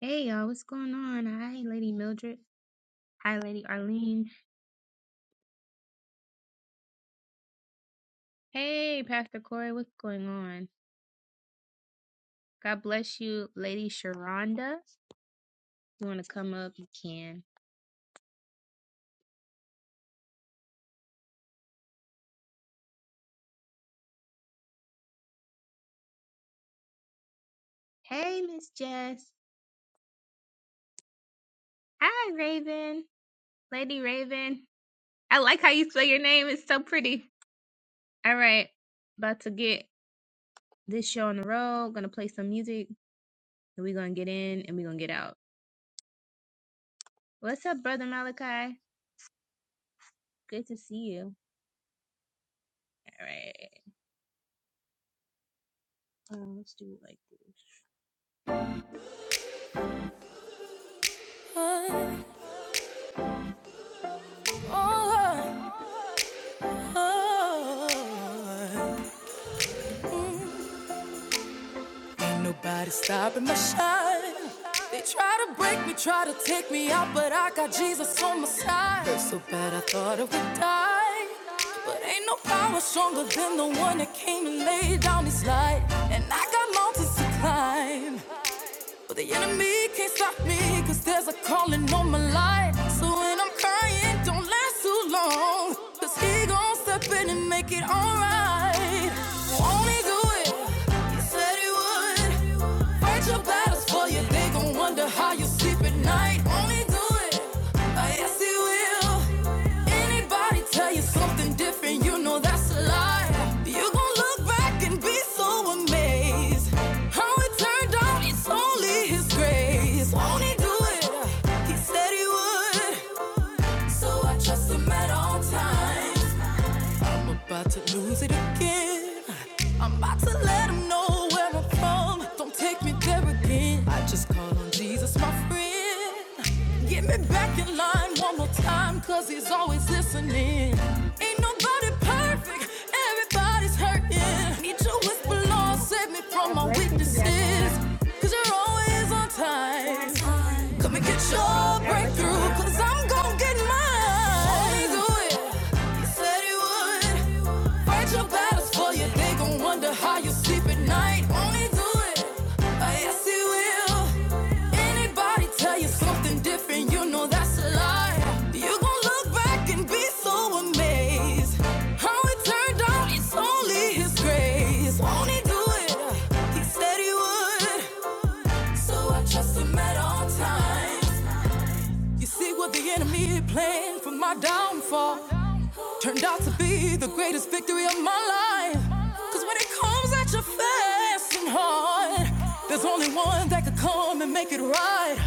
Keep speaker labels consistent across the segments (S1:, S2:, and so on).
S1: Hey y'all, what's going on? Hi, Lady Mildred. Hi, Lady Arlene. Hey, Pastor Corey, what's going on? God bless you, Lady Sharonda. you want to come up, you can. Hey, Miss Jess. Hi, Raven. Lady Raven. I like how you spell your name. It's so pretty. All right, about to get this show on the road. Gonna play some music, and we're gonna get in and we're gonna get out. What's up, Brother Malachi? Good to see you. All right. Um, let's do it like
S2: Ain't nobody stopping my shine. They try to break me, try to take me out, but I got Jesus on my side. Felt so bad I thought I would die. But ain't no power stronger than the one that came and laid down his life. And I got mountains to climb. But the enemy can't stop me, cause there's a calling on my life. So when I'm crying, don't last too long. Cause he gon' step in and make it alright. Only do it? Said he would. Fight your battles for you. They gon' wonder how you sleep at night. Only do it. Oh, yes, he will. Anybody tell you something different, you know that's a lie. You gon' look back and be so amazed. How it turned out, it's only his grace. Won't he do it? He said he would. So I trust him at all times. I'm about to lose it again. I'm about to let him know where I'm from. Don't take me there again. I just call on Jesus, my friend. Get me back in line one more time, cause he's always listening. Ain't nobody perfect, everybody's hurting. Need your whisper,
S1: this.
S2: Lord, save me from
S1: God
S2: my
S1: bless you,
S2: weaknesses.
S1: Deanna.
S2: Cause you're always on
S1: What's going
S2: time.
S1: on,
S2: Come and
S1: Miss
S2: get
S1: Patrice?
S2: your
S1: God bless you,
S2: breakthrough,
S1: sis.
S2: cause I'm gonna get mine. Always do it. Said he would fight your battles for you. They gon' wonder how you sleep at night. Only do it. Oh, yes, he will. Anybody tell you something different, you know that's a lie. You gon' look back and be so amazed. How it turned out, it's only his grace. Won't he do it? He said he would. So I trust him at all times. You see what the enemy planned for my downfall. Turned out to be the greatest victory of my life. Cause when it comes at you fast and hard, there's only one that could come and make it right.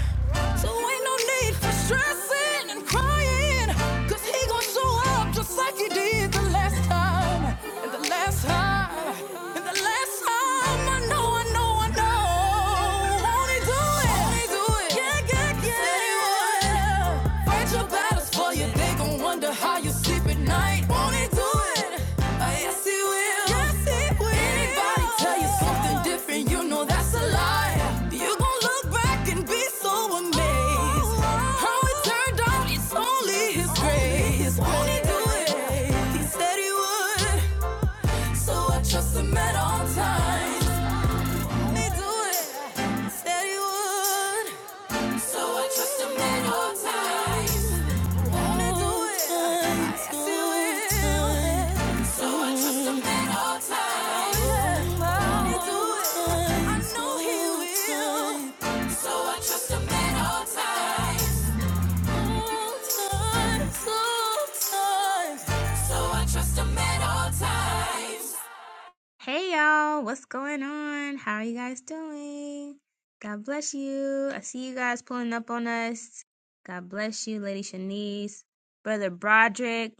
S2: So ain't no need for stressing and crying. Cause he gon' show up just like he did the last time. And the last time. And the last time. I know, I know, I know. Won't he do it? They do it. Yeah, yeah, yeah. They would. Fight your battles for you. They gon' wonder how you sleep at night. will do it? Oh, yes, he will. Yes, he will. Anybody tell you something different, you know that's a lie. You gon' look back and be so amazed. How it turned out, it's only his grace. will do it? He said he would. So trust him at all times. Only do it? Said he would. So I trust a man all times. Wanna do it. I still will. So I trust a man all times. Wanna do it. I know he will. So I trust a man all times. All times, all times. So I trust a man all times.
S1: Hey y'all, what's going on? How are you guys doing? God bless you. I see you guys pulling up on us. God bless you, Lady Shanice, Brother Broderick.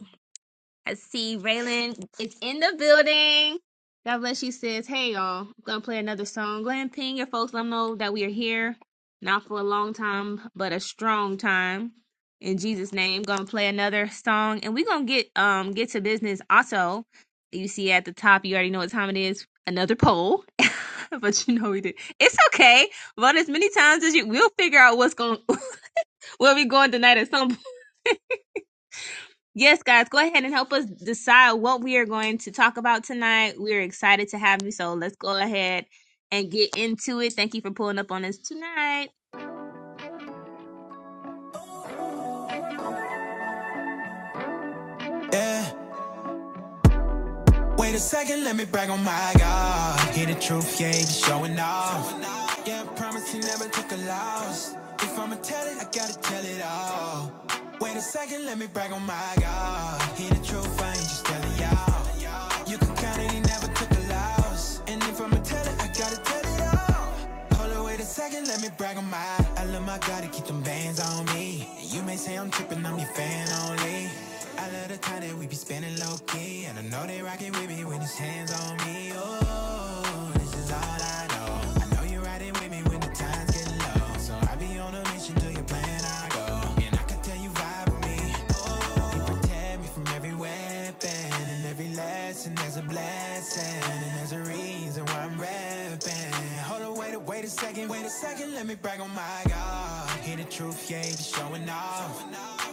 S1: I see Raylan is in the building. God bless you, sis. Hey, y'all. I'm going to play another song. Go ahead and ping your folks. Let them know that we are here. Not for a long time, but a strong time. In Jesus' name, going to play another song. And we're going to get um get to business also. You see at the top, you already know what time it is. Another poll. but you know we did. It's okay. Vote as many times as you. We'll figure out what's going where we going tonight at some Yes, guys, go ahead and help us decide what we are going to talk about tonight. We're excited to have you, so let's go ahead and get into it. Thank you for pulling up on us tonight.
S2: Yeah, Wait a second, let me brag on my God. Hear the truth, yeah, he be showing off. Yeah, I promise he never took a loss. If I'ma tell it, I gotta tell it all. Wait a second, let me brag on my God. Hear the truth, I ain't just telling y'all. You can count it, he never took a loss. And if I'ma tell it, I gotta tell it all. Hold on, wait a second, let me brag on my. I love my God to keep them bands on me. You may say I'm tripping, I'm your fan only. I love the time that we be spending low key, and I know they rockin' with me when it's hands on me. Oh, this is all I know. I know you are riding with me when the times get low, so I be on a mission till your plan I go, and I can tell you vibe with me. Protect me from every weapon and every lesson. There's a blessing and there's a reason why I'm rapping. Hold on, wait a wait a second, wait a second. Let me brag on my God. Hear the truth, yeah, he be showing off.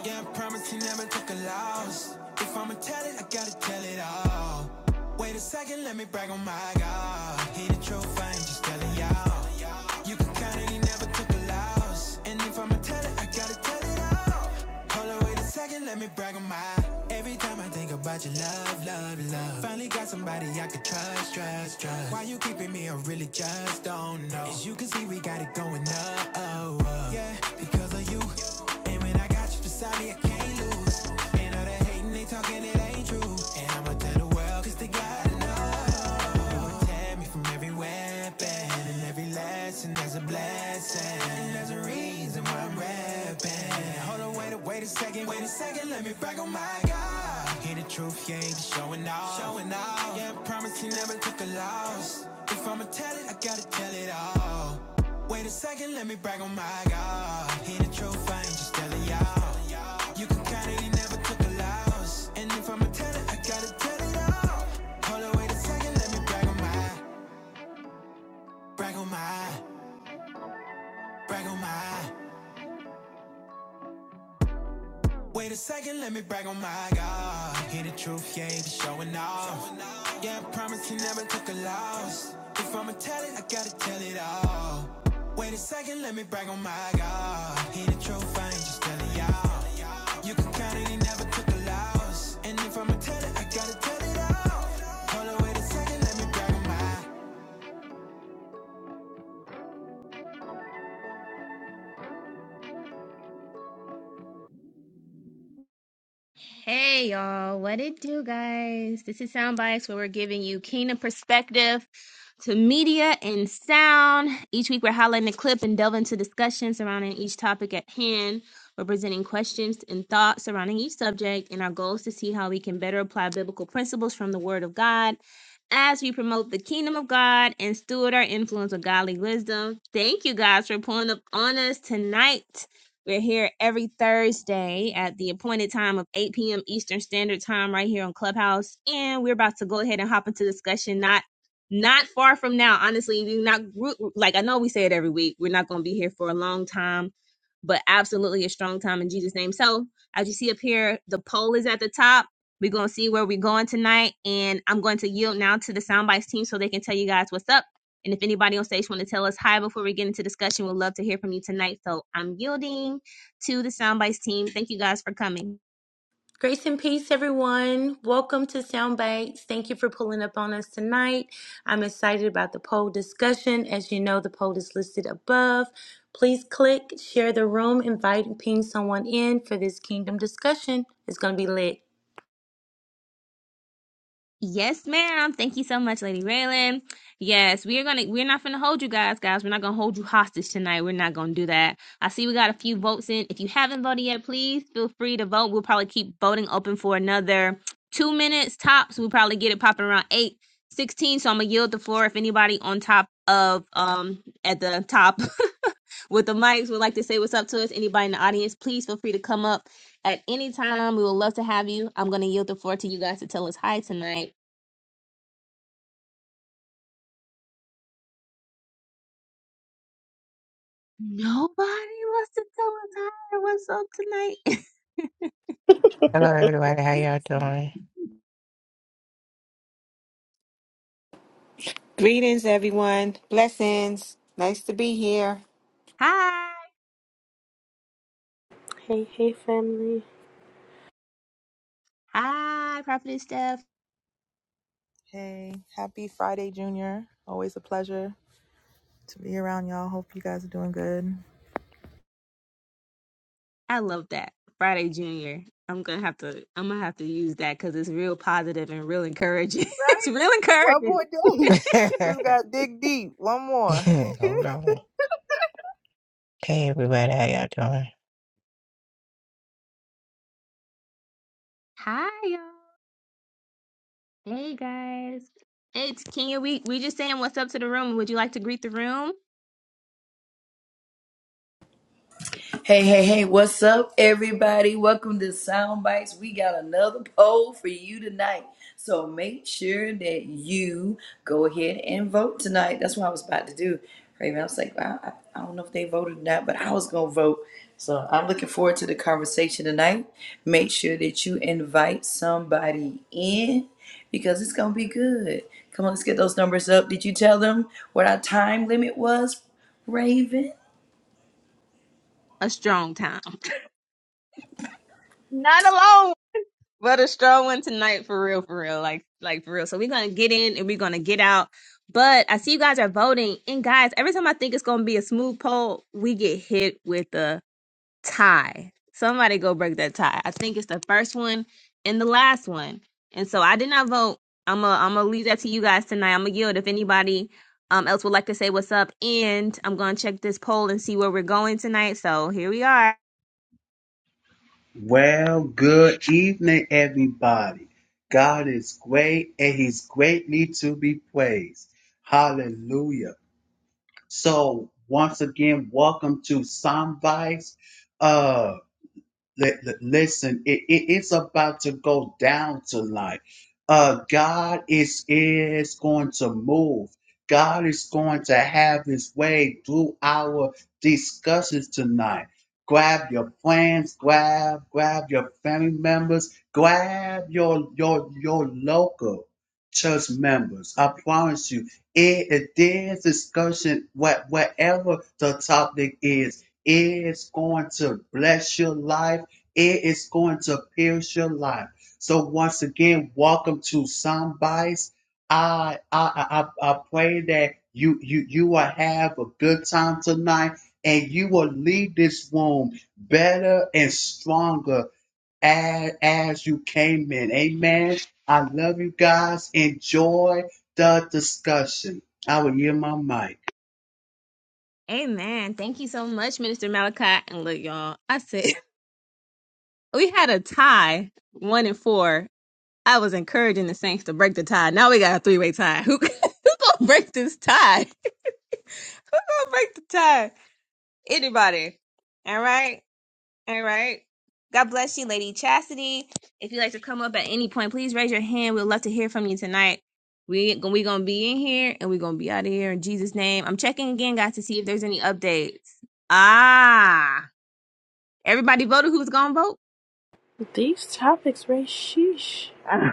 S2: Yeah, I promise he never took a loss. If I'ma tell it, I gotta tell it all. Wait a second, let me brag on my God. Hear the truth, I ain't just telling y'all. You can count it, he never took a loss. And if I'ma tell it, I gotta tell it Second, let me brag on my. Every time I think about your love, love, love. Finally got somebody I can trust, trust, trust. Why you keeping me? I really just don't know. As you can see, we got it going up, up. Beside every lesson, there's a Wait a second, wait a second, let me back on my God. Hear the truth, you ain't showing off. Showing off. Yeah, I promise you never took a loss. If I'ma tell it, I gotta tell it all. Wait a second, let me brag on my God. Hear the truth, I ain't just telling y'all. You can count it, he never took a loss. And if I'ma tell it, I gotta tell it all. Hold on, wait a second, let me brag on my, brag on my, brag on my. Wait a second, let me brag on my God. Hear the truth, yeah, be showing off. Yeah, I promise he never took a loss. If I'ma tell it, I gotta tell it all. Wait a second, let me brag on my God. Hear the truth, I ain't just telling y'all. You can count it, he never took a loss. And if I'ma tell it, I gotta tell it all. Hold on, wait a second, let me brag on my.
S1: Hey y'all, what it do, guys? This is Sound Bites, where we're giving you kingdom perspective to media and sound. Each week, we're highlighting a clip and delving into discussions surrounding each topic at hand. We're presenting questions and thoughts surrounding each subject, and our goal is to see how we can better apply biblical principles from the Word of God as we promote the kingdom of God and steward our influence with godly wisdom. Thank you guys for pulling up on us tonight. We're here every Thursday at the appointed time of 8 p.m. Eastern Standard Time right here on Clubhouse. And we're about to go ahead and hop into discussion not not far from now. Honestly, we're not like I know we say it every week. We're not going to be here for a long time, but absolutely a strong time in Jesus' name. So, as you see up here, the poll is at the top. We're going to see where we're going tonight. And I'm going to yield now to the Soundbites team so they can tell you guys what's up and if anybody on stage want to tell us hi before we get into discussion, we'd love to hear from you tonight. So I'm yielding to the Soundbites team. Thank you guys for coming.
S3: Grace and peace, everyone. Welcome to Soundbites. Thank you for pulling up on us tonight. I'm excited about the poll discussion. As you know, the poll is listed above. Please click, share the room, invite, and ping someone in for this kingdom discussion. It's going to be lit.
S1: Yes, ma'am. Thank you so much, Lady Raylan. Yes, we are gonna we're not gonna hold you guys, guys. We're not gonna hold you hostage tonight. We're not gonna do that. I see we got a few votes in. If you haven't voted yet, please feel free to vote. We'll probably keep voting open for another two minutes tops. We'll probably get it popping around eight sixteen. So I'm gonna yield the floor if anybody on top of um at the top with the mics would like to say what's up to us. Anybody in the audience, please feel free to come up at any time. We would love to have you. I'm going to yield the floor to you guys to tell us hi tonight. Nobody wants to tell us hi. or What's up tonight?
S4: Hello, everybody. How y'all doing?
S5: Greetings, everyone. Blessings. Nice to be here.
S1: hi.
S6: Hey, hey, family.
S1: Hi, Prophetess Steph.
S7: Hey, happy Friday, Junior. Always a pleasure to be around y'all. Hope you guys are doing good.
S1: I love that. Friday Junior. I'm gonna have to I'm gonna have to use that because it's real positive and real encouraging. it's
S7: Right?
S1: real
S7: One
S1: encouraging.
S7: more day. Just gotta dig deep. One more.
S4: Hold on. Hey, everybody. How y'all doing?
S1: Hi y'all. Hey guys. it's Kenya, we we just saying what's up to the room. Would you like to greet the room?
S8: Hey, hey, hey, what's up, everybody? Welcome to Sound Bites. We got another poll for you tonight. So make sure that you go ahead and vote tonight. That's what I was about to do. Raven, I was like, I, I I don't know if they voted or not, but I was going to vote. So I'm looking forward to the conversation tonight. Make sure that you invite somebody in because it's going to be good. Come on, let's get those numbers up. Did you tell them what our time limit was, Raven?
S1: A strong time. Not alone, but a strong one tonight for real, for real. Like like for real. So we're gonna get in and we're gonna get out. But I see you guys are voting. And guys, every time I think it's gonna be a smooth poll, we get hit with a tie. Somebody go break that tie. I think it's the first one and the last one. And so I did not vote. I'm gonna I'm gonna leave that to you guys tonight. I'm gonna yield if anybody um else would like to say what's up. And I'm gonna check this poll and see where we're going tonight. So here we are.
S9: Well, good evening, everybody. God is great and he's greatly to be praised. Hallelujah. So, once again, welcome to Soundbites li- li- listen, it, it- it's about to go down tonight. Uh, God is is going to move. God is going to have His way through our discussions tonight. Grab your friends, grab grab your family members, grab your your your local church members. I promise you, it, it this discussion, what whatever the topic is, is going to bless your life it is going to pierce your life. So once again, welcome to Soundbites. I, I I I pray that you you you will have a good time tonight, and you will leave this room better and stronger as as you came in. Amen. I love you guys. Enjoy the discussion. I will hear my mic.
S1: Amen. Thank you so much, Minister Malachi. And look, y'all, I said we had a tie, one and four. I was encouraging the Saints to break the tie. Now we got a three way tie. Who who gonna break this tie? Who gonna break the tie? anybody. All right. All right. God bless you, Lady Chastity. If you'd like to come up at any point, please raise your hand. We'd love to hear from you tonight. We, we going to be in here and we're going to be out of here in Jesus' name. I'm checking again, guys, to see if there's any updates. Ah, everybody voted who's going to vote?
S6: These topics, right? Sheesh.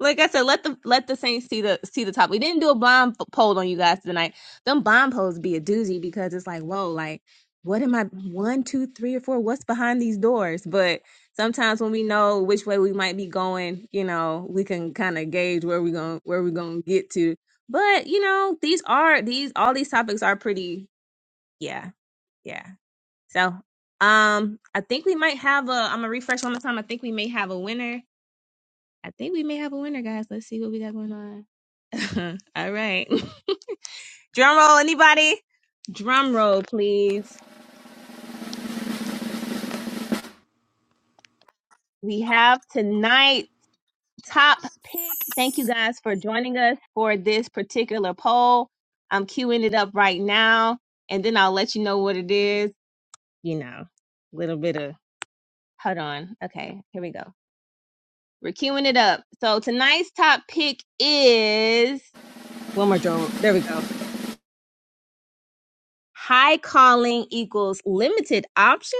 S1: like I said, let the let the Saints see the see the top. We didn't do a bomb p- poll on you guys tonight. Them bomb polls be a doozy because it's like, whoa, like what am I one, two, three, or four? What's behind these doors? But sometimes when we know which way we might be going, you know, we can kind of gauge where we going where we're gonna get to. But you know, these are these all these topics are pretty yeah, yeah. So um I think we might have a I'm gonna refresh one more time. I think we may have a winner I think we may have a winner, guys. Let's see what we got going on. All right. Drum roll, anybody? Drum roll, please. We have tonight top pick. Thank you guys for joining us for this particular poll. I'm queuing it up right now, and then I'll let you know what it is. You know, little bit of hold on. Okay, here we go. We're queuing it up. So tonight's top pick is one more drum. roll. There we go. High calling equals limited option.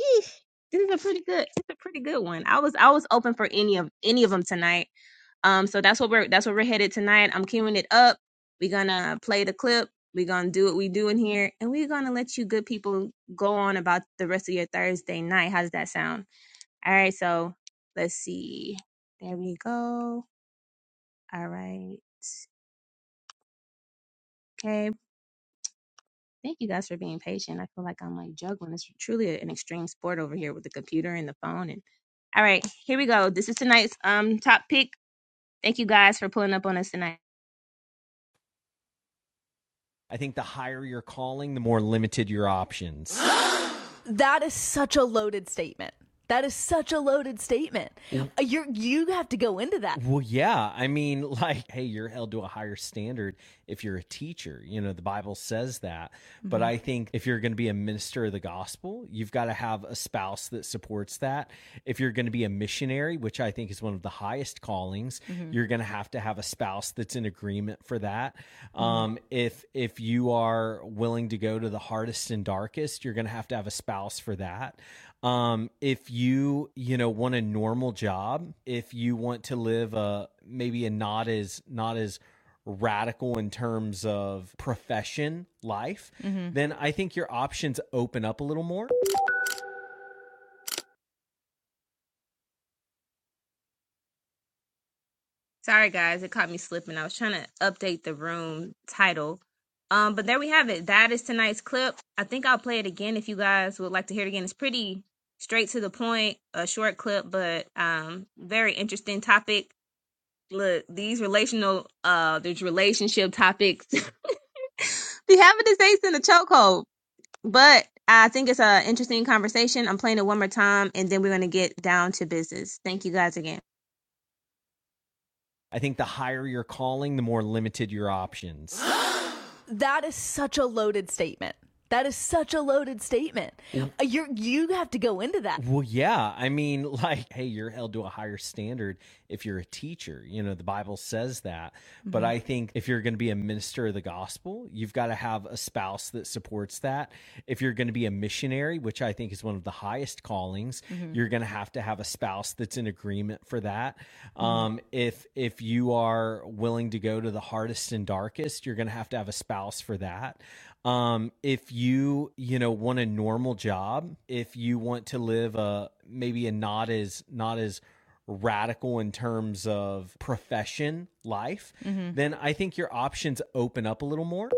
S1: Eesh, this is a pretty good. It's a pretty good one. I was I was open for any of any of them tonight. Um, so that's what we're that's what we're headed tonight. I'm queuing it up. We're gonna play the clip. We're gonna do what we do in here, and we're gonna let you good people go on about the rest of your Thursday night. How does that sound? All right. So let's see. There we go. All right. Okay. Thank you guys for being patient. I feel like I'm like juggling. It's truly an extreme sport over here with the computer and the phone. And all right, here we go. This is tonight's um top pick. Thank you guys for pulling up on us tonight.
S2: I think the higher your calling, the more limited your options. that is such a loaded statement. That is such a loaded statement. You you have to go into that. Well, yeah. I mean, like, hey, you're held to a higher standard if you're a teacher. You know, the Bible says that. Mm-hmm. But I think if you're going to be a minister of the gospel, you've got to have a spouse that supports that. If you're going to be a missionary, which I think is one of the highest callings, mm-hmm. you're going to have to have a spouse spouse that's in agreement for that. Mm-hmm. Um, if if you are willing to go to the hardest and darkest, you're going to have to have a spouse for that. Um, if you you know want a normal job, if you want to live a maybe a not as not as radical in terms of profession life, mm-hmm. then I think your options open up a little more.
S1: Sorry guys, it caught me slipping. I was trying to update the room title. Um, but there we have it. That is tonight's clip. I think I'll play it again if you guys would like to hear it again. It's pretty straight to the point, a short clip, but um very interesting topic. Look, these relational uh there's relationship topics the having the states in a chokehold. But I think it's an interesting conversation. I'm playing it one more time, and then we're going to get down to business. Thank you guys again.
S2: I think the higher your calling, the more limited your options. that is such a loaded statement. That is such a loaded statement. You you have to go into that. Well, yeah. I mean, like, hey, you're held to a higher standard if you're a teacher. You know, the Bible says that. Mm-hmm. But I think if you're going to be a minister of the gospel, you've got to have a spouse that supports that. If you're going to be a missionary, which I think is one of the highest callings, mm-hmm. you're going to have to have a spouse that's in agreement for that. Um, mm-hmm. if if you are willing to go to the hardest and darkest, you're going to have to have a spouse for that. Um, if you you know want a normal job, if you want to live a maybe a not as not as radical in terms of profession life, mm-hmm. then I think your options open up a little more.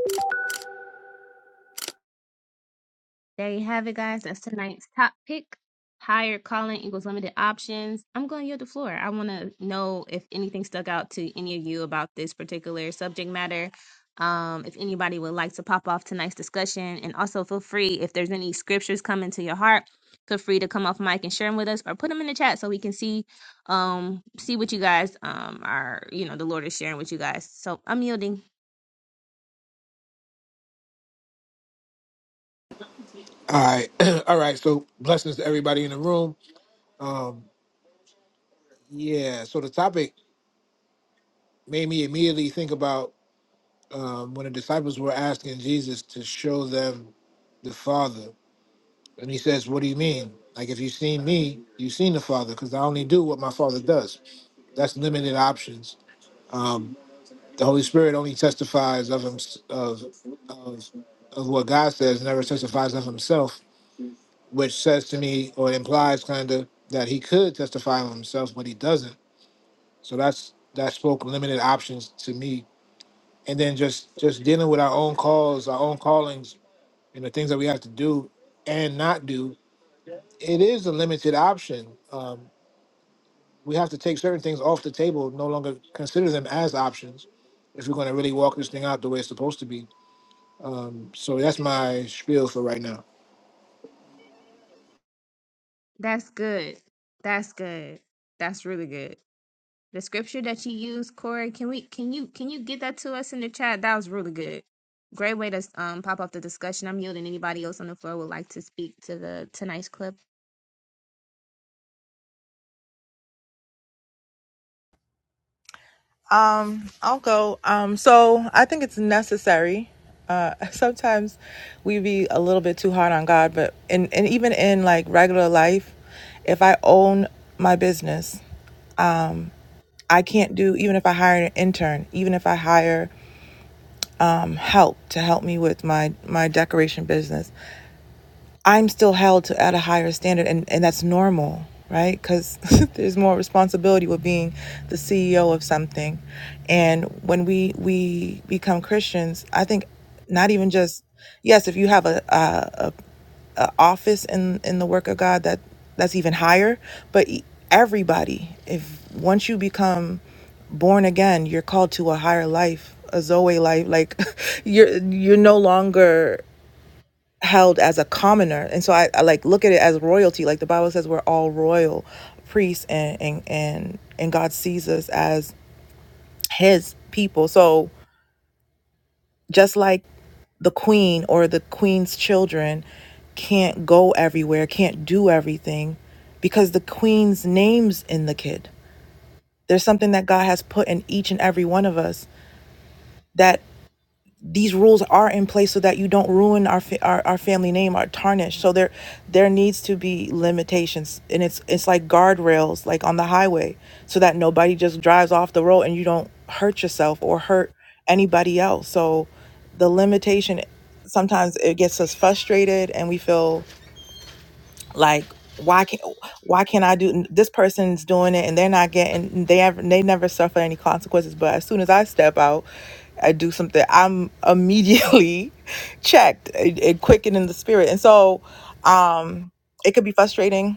S1: There you have it, guys. That's tonight's top pick. Higher calling equals limited options. I'm going to yield the floor. I want to know if anything stuck out to any of you about this particular subject matter. Um, if anybody would like to pop off tonight's discussion, and also feel free if there's any scriptures coming to your heart, feel free to come off mic and share them with us, or put them in the chat so we can see, um, see what you guys um are, you know, the Lord is sharing with you guys. So I'm yielding.
S10: All right. All right. So blessings to everybody in the room. Um, yeah. So the topic made me immediately think about um, when the disciples were asking Jesus to show them the Father. And he says, What do you mean? Like, if you've seen me, you've seen the Father, because I only do what my Father does. That's limited options. Um, the Holy Spirit only testifies of, him, of, of, of what God says, never testifies of himself, which says to me or implies kind of that he could testify of himself, but he doesn't So that's that spoke limited options to me. And then just just dealing with our own calls, our own callings, and the things that we have to do and not do. It is a limited option. Um, we have to take certain things off the table, no longer consider them as options if we're going to really walk this thing out the way it's supposed to be. Um, so that's my spiel for right now.
S1: That's good. That's good. That's really good. The scripture that you used, Corey, can we can you can you get that to us in the chat? That was really good. Great way to um pop off the discussion. I'm yielding. Anybody else on the floor would like to speak to the tonight's clip?
S7: Um, I'll go. Um, so I think it's necessary. Uh, sometimes we be a little bit too hard on God, but and and even in like regular life, if I own my business, I can't do even if I hire an intern, even if I hire um, help to help me with my my decoration business. I'm still held to at a higher standard, and, and that's normal, right? Because there's more responsibility with being the CEO of something. And when we we become Christians, I think not even just yes, if you have a a, a, office in in the work of God, that that's even higher. But e- everybody, if once you become born again, you're called to a higher life, a Zoe life. Like you're you're no longer held as a commoner and so I, I like look at it as royalty like the bible says we're all royal priests and and and, and god sees us as his people so just like the queen or the queen's children can't go everywhere can't do everything because the queen's name's in the kid there's something that god has put in each and every one of us that. these rules are in place so that you don't ruin our fa- our, our family name our tarnish so there there needs to be limitations and it's it's like guardrails like on the highway so that nobody just drives off the road and you don't hurt yourself or hurt anybody else so the limitation sometimes it gets us frustrated and we feel like why can't why can't i do this person's doing it and they're not getting they have they never suffer any consequences but as soon as i step out i do something i'm immediately checked and, and quickened in the spirit and so um it could be frustrating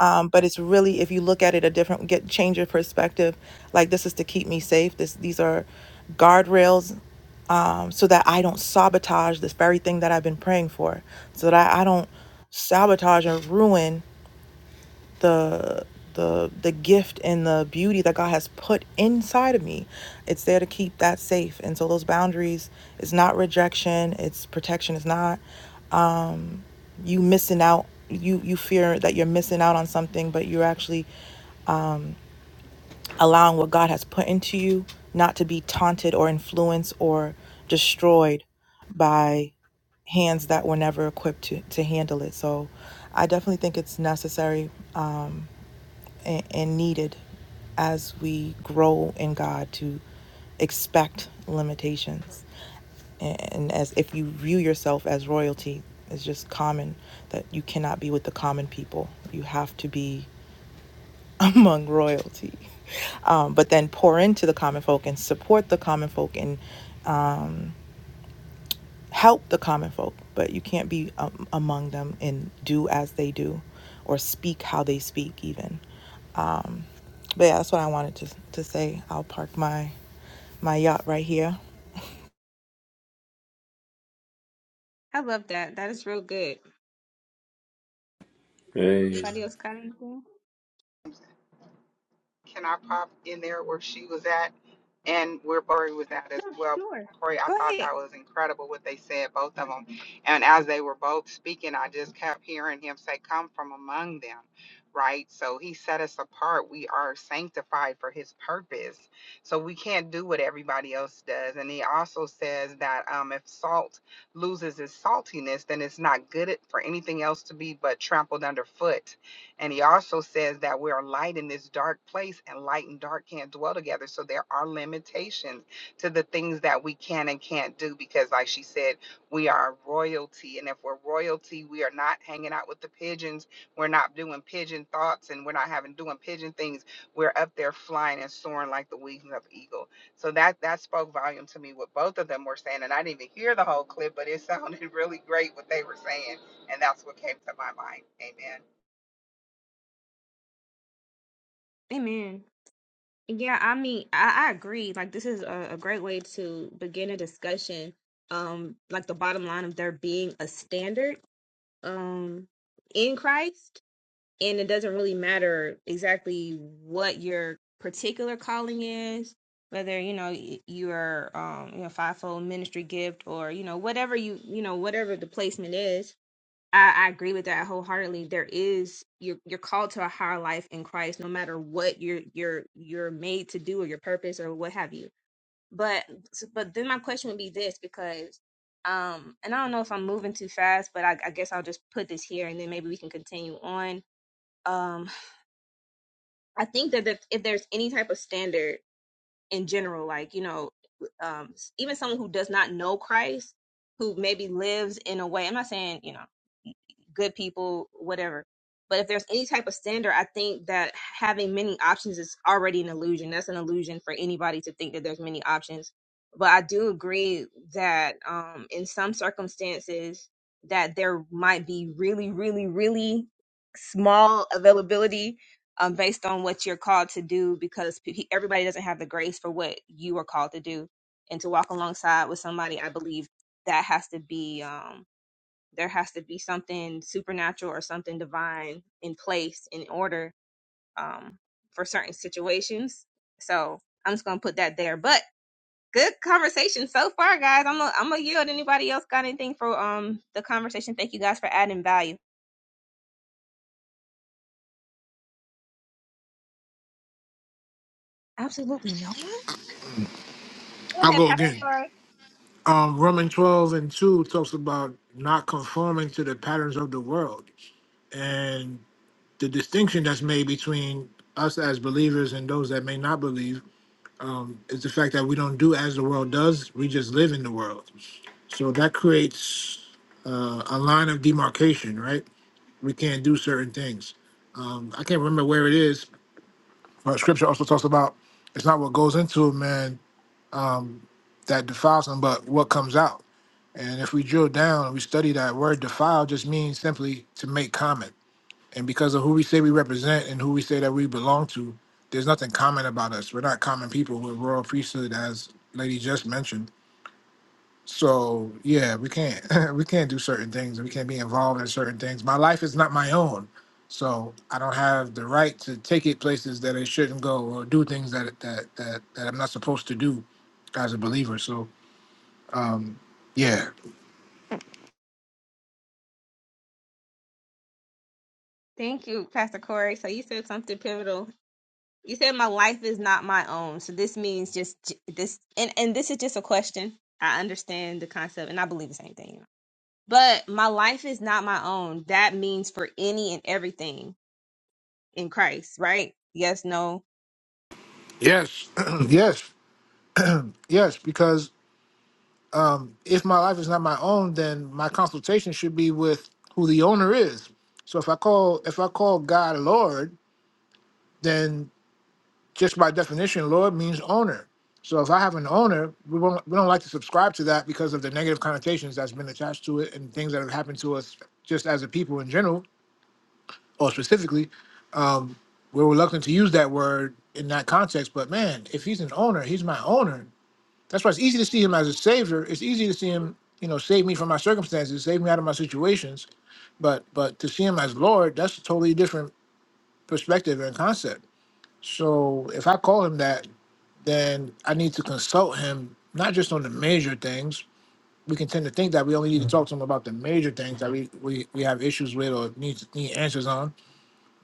S7: um, but it's really if you look at it a different get change your perspective like this is to keep me safe this these are guardrails um, so that i don't sabotage this very thing that i've been praying for so that i don't sabotage and ruin the the the gift and the beauty that god has put inside of me it's there to keep that safe and so those boundaries it's not rejection it's protection it's not you missing out you you fear that you're missing out on something but you're actually allowing what God has put into you not to be taunted or influenced or destroyed by hands that were never equipped to, to handle it. So I definitely think it's necessary um, and, and needed as we grow in God to expect limitations. And and as if you view yourself as royalty, it's just common that you cannot be with the common people. You have to be among royalty. Um, but then pour into the common folk and support the common folk and help the common folk. But you can't be um, among them and do as they do or speak how they speak, even. Um, but yeah, that's what I wanted to, to say. I'll park my my yacht right here.
S1: I love that. That is real good.
S11: Hey,
S1: Anybody else got anything?
S12: Can I pop in there where she was at and where Corey was at as
S1: No,
S12: well?
S1: sure.
S12: Corey, I
S1: Go
S12: thought
S1: ahead.
S12: that was incredible what they said, both of them. And as they were both speaking, I just kept hearing him say, Come from among them, right? So he set us apart. We are sanctified for his purpose. So we can't do what everybody else does. And he also says that um, if salt loses its saltiness, then it's not good for anything else to be but trampled underfoot and he also says that we're a light in this dark place, and light and dark can't dwell together. So there are limitations to the things that we can and can't do because, like she said, we are royalty. And if we're royalty, we are not hanging out with the pigeons. We're not doing pigeon thoughts and we're not having doing pigeon things. We're up there flying and soaring like the wings of eagle. So that that spoke volume to me what both of them were saying. And I didn't even hear the whole clip, but it sounded really great what they were saying. And that's what came to my mind. Amen.
S1: Amen. Yeah, I mean, I, I agree. Like this is a, a great way to begin a discussion. Um, like the bottom line of there being a standard um in Christ and it doesn't really matter exactly what your particular calling is whether you know y- your um you know fivefold ministry gift or you know whatever you you know whatever the placement is I, I agree with that wholeheartedly there is you're you're called to a higher life in christ no matter what you're you're you're made to do or your purpose or what have you but but then my question would be this because um and i don't know if i'm moving too fast but i, I guess i'll just put this here and then maybe we can continue on Um I think that if, if there's any type of standard in general, like, you know, um, s- even someone who does not know Christ, who maybe lives in a way, I'm not saying, you know, good people, whatever. But if there's any type of standard, I think that having many options is already an illusion. That's an illusion for anybody to think that there's many options. But I do agree that um, in some circumstances, that there might be really, really, really small availability um, based on what you're called to do because pe- everybody doesn't have the grace for what you are called to do and to walk alongside with somebody i believe that has to be um, there has to be something supernatural or something divine in place in order um, for certain situations so i'm just gonna put that there but good conversation so far guys i'm gonna I'm gonna yield anybody else got anything for um the conversation thank you guys for adding value absolutely no one go
S10: I'll
S1: ahead
S10: go
S1: pastor
S10: again.
S1: Lori.
S10: Um, Roman 12 and 2 talks about not conforming to the patterns of the world. the distinction that's made between us as believers and those that may not believe um, is the fact that we don't do as the world does. We just live in the world. So that creates uh, a line of demarcation, right? We can't do certain things. Um, I can't remember where it is, but scripture also talks about it's not what goes into a man um, that defiles him, but what comes out. And if we drill down and we study that word defile, just means simply to make common and because of who we say we represent and who we say that we belong to, there's nothing common about us. We're not common people. We're royal priesthood, as Lady just mentioned. So yeah, we can't we can't do certain things. We can't be involved in certain things. My life is not my own, so I don't have the right to take it places that it shouldn't go or do things that that that, that I'm not supposed to do as a believer. So yeah,
S1: Thank you, Pastor Corey. So you said something pivotal. You said my life is not my own. So this means just j- this, and and this is just a question. I understand the concept, and I believe the same thing. You know. But my life is not my own. That means for any and everything in Christ, right? Yes, no.
S10: yes, yes, yes, because um, if my life is not my own, then my consultation should be with who the owner is. So if I call if I call God Lord, then just by definition, Lord means owner. So if I have an owner, we won't we don't like to subscribe to that because of the negative connotations that's been attached to it and things that have happened to us just as a people in general or specifically. Um, we're reluctant to use that word in that context, but man, if he's an owner, he's my owner That's why it's easy to see him as a savior. It's easy to see him, you know, save me from my circumstances, save me out of my situations. But but to see him as Lord, that's a totally different perspective and concept. So if I call him that, then I need to consult him not just on the major things. We can tend to think that we only need to talk to him about the major things that we, we, we have issues with or need need answers on.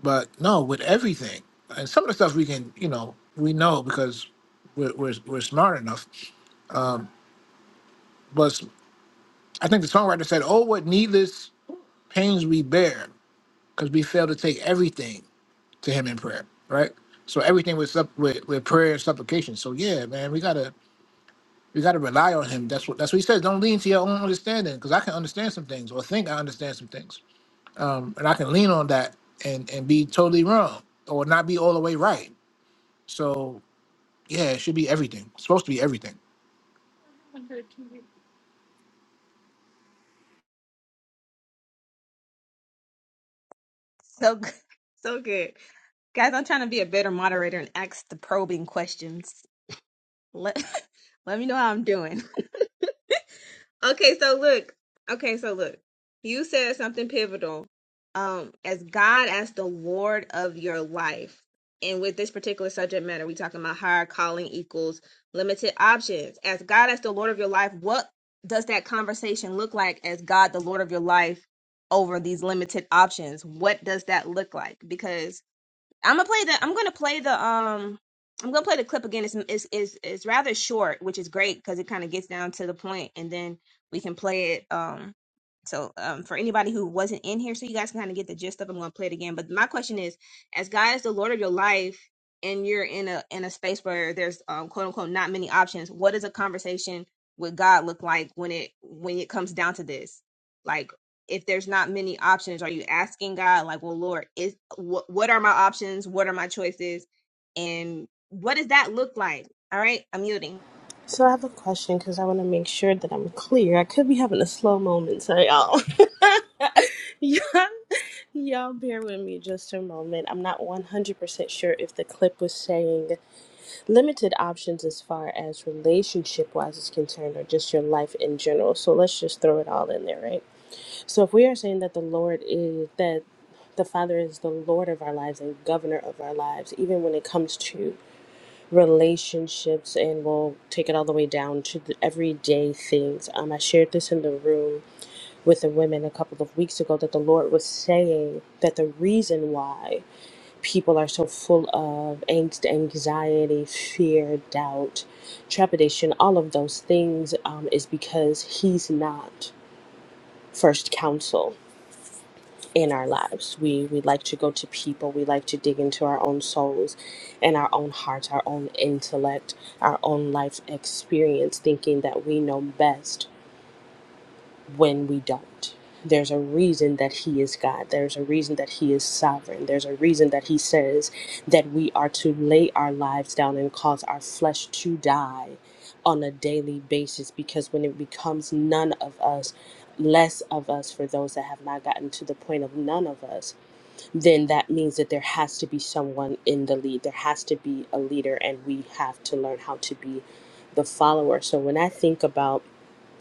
S10: But no, with everything. And some of the stuff we can, you know, we know because we're, we're, we're smart enough. I think the songwriter said, "Oh, what needless pains we bear, because we fail to take everything to Him in prayer." Right. So everything with sup- with, with prayer and supplication. So yeah, man, we gotta we gotta rely on Him. That's what that's what He says. Don't lean to your own understanding, because I can understand some things or think I understand some things, um, and I can lean on that and and be totally wrong or not be all the way right. So yeah, it should be everything. It's supposed to be everything.
S1: So good, so good, guys. I'm trying to be a better moderator and ask the probing questions. Let let me know how I'm doing. Okay, so look. Okay, so look. You said something pivotal. Um, as God as the Lord of your life. And with this particular subject matter, we talking about higher calling equals limited options. As God as the Lord of your life, what does that conversation look like as God the Lord of your life over these limited options? What does that look like? Because I'm gonna play the. I'm gonna play the. Um, I'm gonna play the clip again. It's is is is rather short, which is great because it kind of gets down to the point, and then we can play it. Um, so um, for anybody who wasn't in here, so you guys can kind of get the gist of. It, I'm gonna play it again. But my question is, as God is the Lord of your life, and you're in a in a space where there's um quote unquote not many options, what does a conversation with God look like when it when it comes down to this? Like if there's not many options are you asking god like well lord is what what are my options what are my choices and what does that look like all right i'm muting
S6: So I have a question because I want to make sure that I'm clear. I could be having a slow moment, so y'all, y'all, y'all, bear with me just a moment. I'm not 100% sure if the clip was saying limited options as far as relationship wise is concerned, or just your life in general. So let's just throw it all in there, right? So if we are saying that the Lord is that the Father is the Lord of our lives and governor of our lives, even when it comes to relationships, and we'll take it all the way down to the everyday things. Um, I shared this in the room with the women a couple of weeks ago that the Lord was saying that the reason why people are so full of angst, anxiety, fear, doubt, trepidation, all of those things um, is because He's not first counsel in our lives. We we like to go to people, we like to dig into our own souls and our own hearts, our own intellect, our own life experience thinking that we know best when we don't. There's a reason that he is God. There's a reason that he is sovereign. There's a reason that he says that we are to lay our lives down and cause our flesh to die on a daily basis because when it becomes none of us, less of us for those that have not gotten to the point of none of us, then that means that there has to be someone in the lead. There has to be a leader, and we have to learn how to be the follower. So when I think about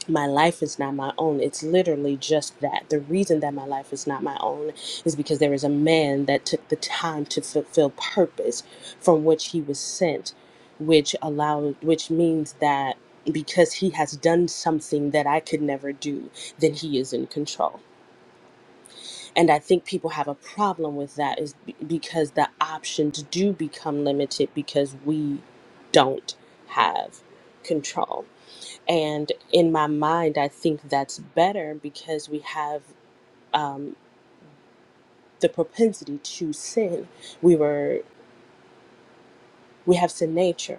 S6: my life is not my own, it's literally just that. The reason that my life is not my own is because there is a man that took the time to fulfill purpose from which he was sent, which allowed, which means that because he has done something that I could never do, then he is in control and i think people have a problem with that is b- because the options do become limited because we don't have control and in my mind i think that's better because we have um, the propensity to sin we were we have to nature.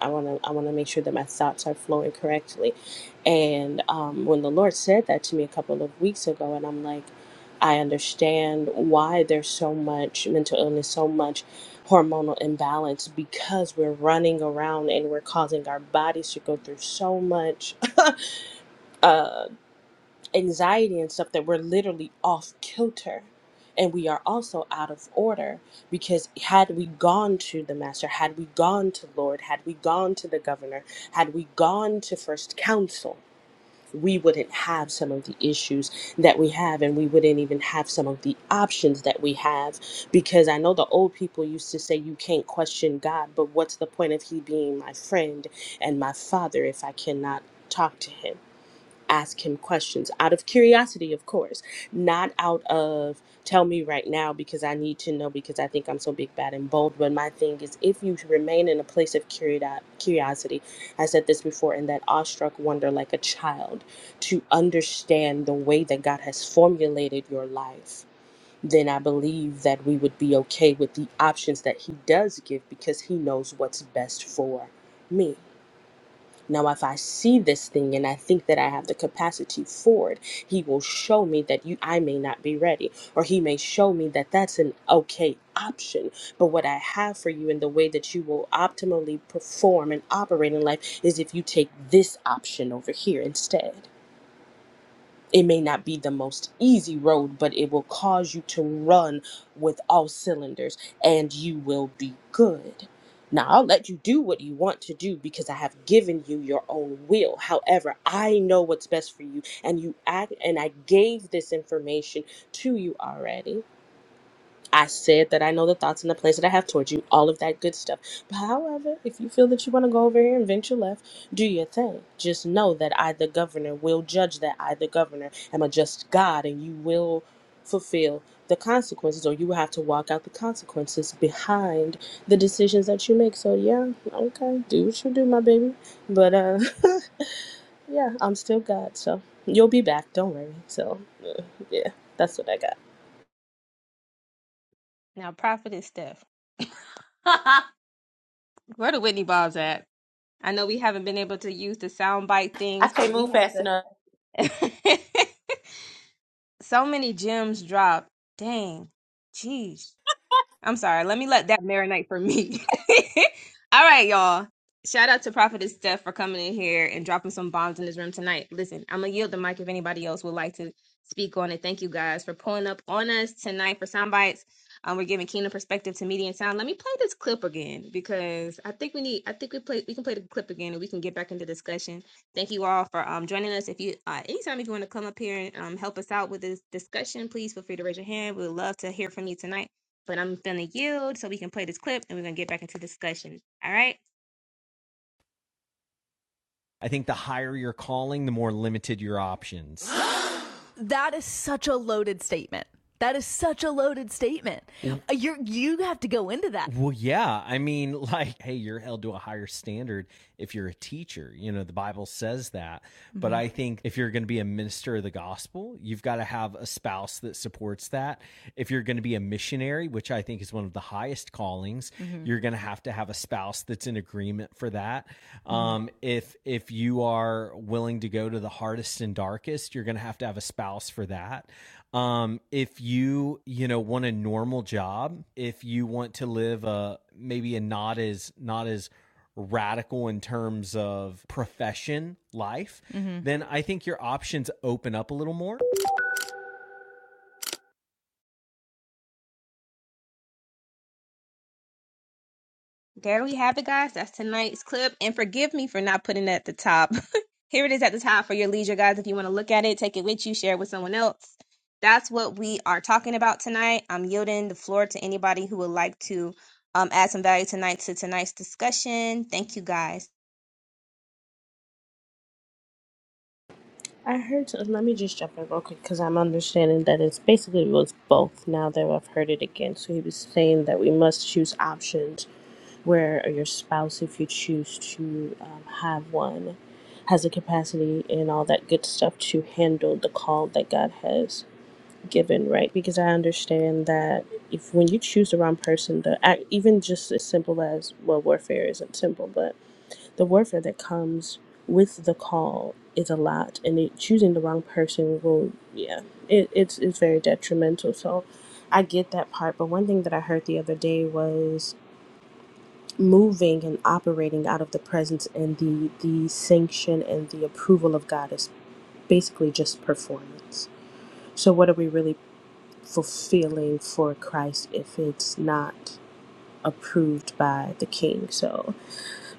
S6: I want to I want to make sure that my thoughts are flowing correctly. And um, when the Lord said that to me a couple of weeks ago, and I'm like, I understand why there's so much mental illness, so much hormonal imbalance because we're running around and we're causing our bodies to go through so much uh, anxiety and stuff that we're literally off kilter and we are also out of order because had we gone to the master had we gone to lord had we gone to the governor had we gone to first council we wouldn't have some of the issues that we have and we wouldn't even have some of the options that we have because i know the old people used to say you can't question god but what's the point of he being my friend and my father if i cannot talk to him ask him questions out of curiosity, of course, not out of tell me right now because I need to know because I think I'm so big, bad, and bold. But my thing is, if you remain in a place of curio- curiosity, I said this before, in that awestruck wonder like a child to understand the way that God has formulated your life. Then I believe that we would be okay with the options that he does give because he knows what's best for me. Now, if I see this thing and I think that I have the capacity for it, he will show me that you, I may not be ready, or he may show me that that's an okay option. But what I have for you and the way that you will optimally perform and operate in life is if you take this option over here instead. It may not be the most easy road, but it will cause you to run with all cylinders and you will be good. Now, I'll let you do what you want to do because I have given you your own will. However, I know what's best for you and you act and I gave this information to you already I said that I know the thoughts and the plans that I have towards you, all of that good stuff. But however, if you feel that you want to go over here and venture left, do your thing. Just know that I, the governor, will judge that I, the governor, am a just God, and you will fulfill the consequences, or you will have to walk out the consequences behind the decisions that you make. So yeah, okay, do what you do, my baby. But uh, yeah, I'm still God, so you'll be back. Don't worry. So uh, yeah, that's what I got.
S1: now prophetess steph where the whitney bobs at i know we haven't been able to use the soundbite
S3: I
S1: things
S3: can't
S1: but we
S3: move
S1: have
S3: fast
S1: to
S3: enough.
S1: so many gems dropped dang jeez I'm sorry. Let me let that marinate for me. All right, y'all. Shout out to Prophetess Steph for coming in here and dropping some bombs in this room tonight. Listen, I'm gonna yield the mic if anybody else would like to speak on it. Thank you guys for pulling up on us tonight for sound bites. Um, we're giving Kingdom perspective to media and sound. Let me play this clip again because I think we need. I think we play. We can play the clip again and we can get back into discussion. Thank you all for um joining us. If you uh, anytime if you want to come up here and um help us out with this discussion, please feel free to raise your hand. We would love to hear from you tonight. But I'm gonna yield so we can play this clip and we're gonna get back into discussion. All right.
S2: I think the higher your calling, the more limited your options. that is such a loaded statement. That is such a loaded statement. Yeah. You you have to go into that. Well, yeah. I mean, like, hey, you're held to a higher standard if you're a teacher. You know, the Bible says that. Mm-hmm. But I think if you're going to be a minister of the gospel, you've got to have a spouse that supports that. If you're going to be a missionary, which I think is one of the highest callings, mm-hmm. you're going to have to have a spouse that's in agreement for that. Mm-hmm. Um, if if you are willing to go to the hardest and darkest, you're going to have to have a spouse for that. Um, if you you know want a normal job, if you want to live a maybe a not as not as radical in terms of profession life, mm-hmm. then I think your options open up a little more.
S1: There we have it, guys. That's tonight's clip. And forgive me for not putting it at the top. Here it is at the top for your leisure, guys. If you want to look at it, take it with you, share it with someone else. That's what we are talking about tonight. I'm yielding the floor to anybody who would like to um, add some value tonight to tonight's discussion. Thank you, guys.
S6: I heard. Let me just jump in real quick because I'm understanding that it's basically was both. Now that I've heard it again, so he was saying that we must choose options where your spouse, if you choose to um, have one, has the capacity and all that good stuff to handle the call that God has given, right? Because I understand that if when you choose the wrong person, the act, even just as simple as well, warfare isn't simple, but the warfare that comes with the call is a lot, and it, choosing the wrong person will, yeah, it, it's it's very detrimental. So, I get that part. But one thing that I heard the other day was moving and operating out of the presence and the the sanction and the approval of God is basically just performance. So, what are we really fulfilling for Christ if it's not approved by the King? So,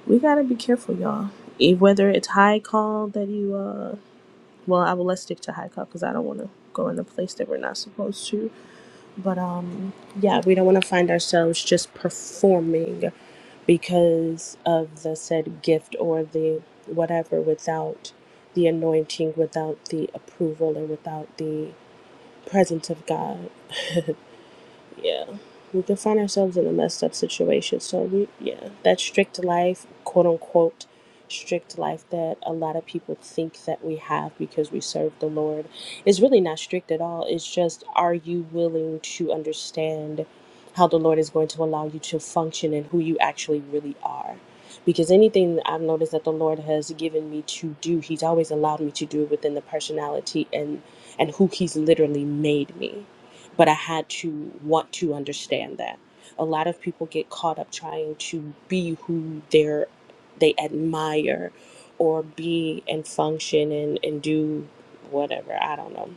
S6: we gotta be careful, y'all. E- Whether it's high call that you, uh, well, I will let's stick to high call because I don't want to go in a place that we're not supposed to. But um, yeah, we don't want to find ourselves just performing because of the said gift or the whatever without the anointing, without the approval, and without the presence of God. yeah we can find ourselves in a messed up situation so we yeah that strict life quote unquote strict life that a lot of people think that we have because we serve the lord is really not strict at all it's just are you willing to understand how the lord is going to allow you to function and who you actually really are because anything that i've noticed that the lord has given me to do he's always allowed me to do it within the personality and and who he's literally made me but I had to want to understand that. A lot of people get caught up trying to be who they're they admire or be and function and, and do whatever, I don't know.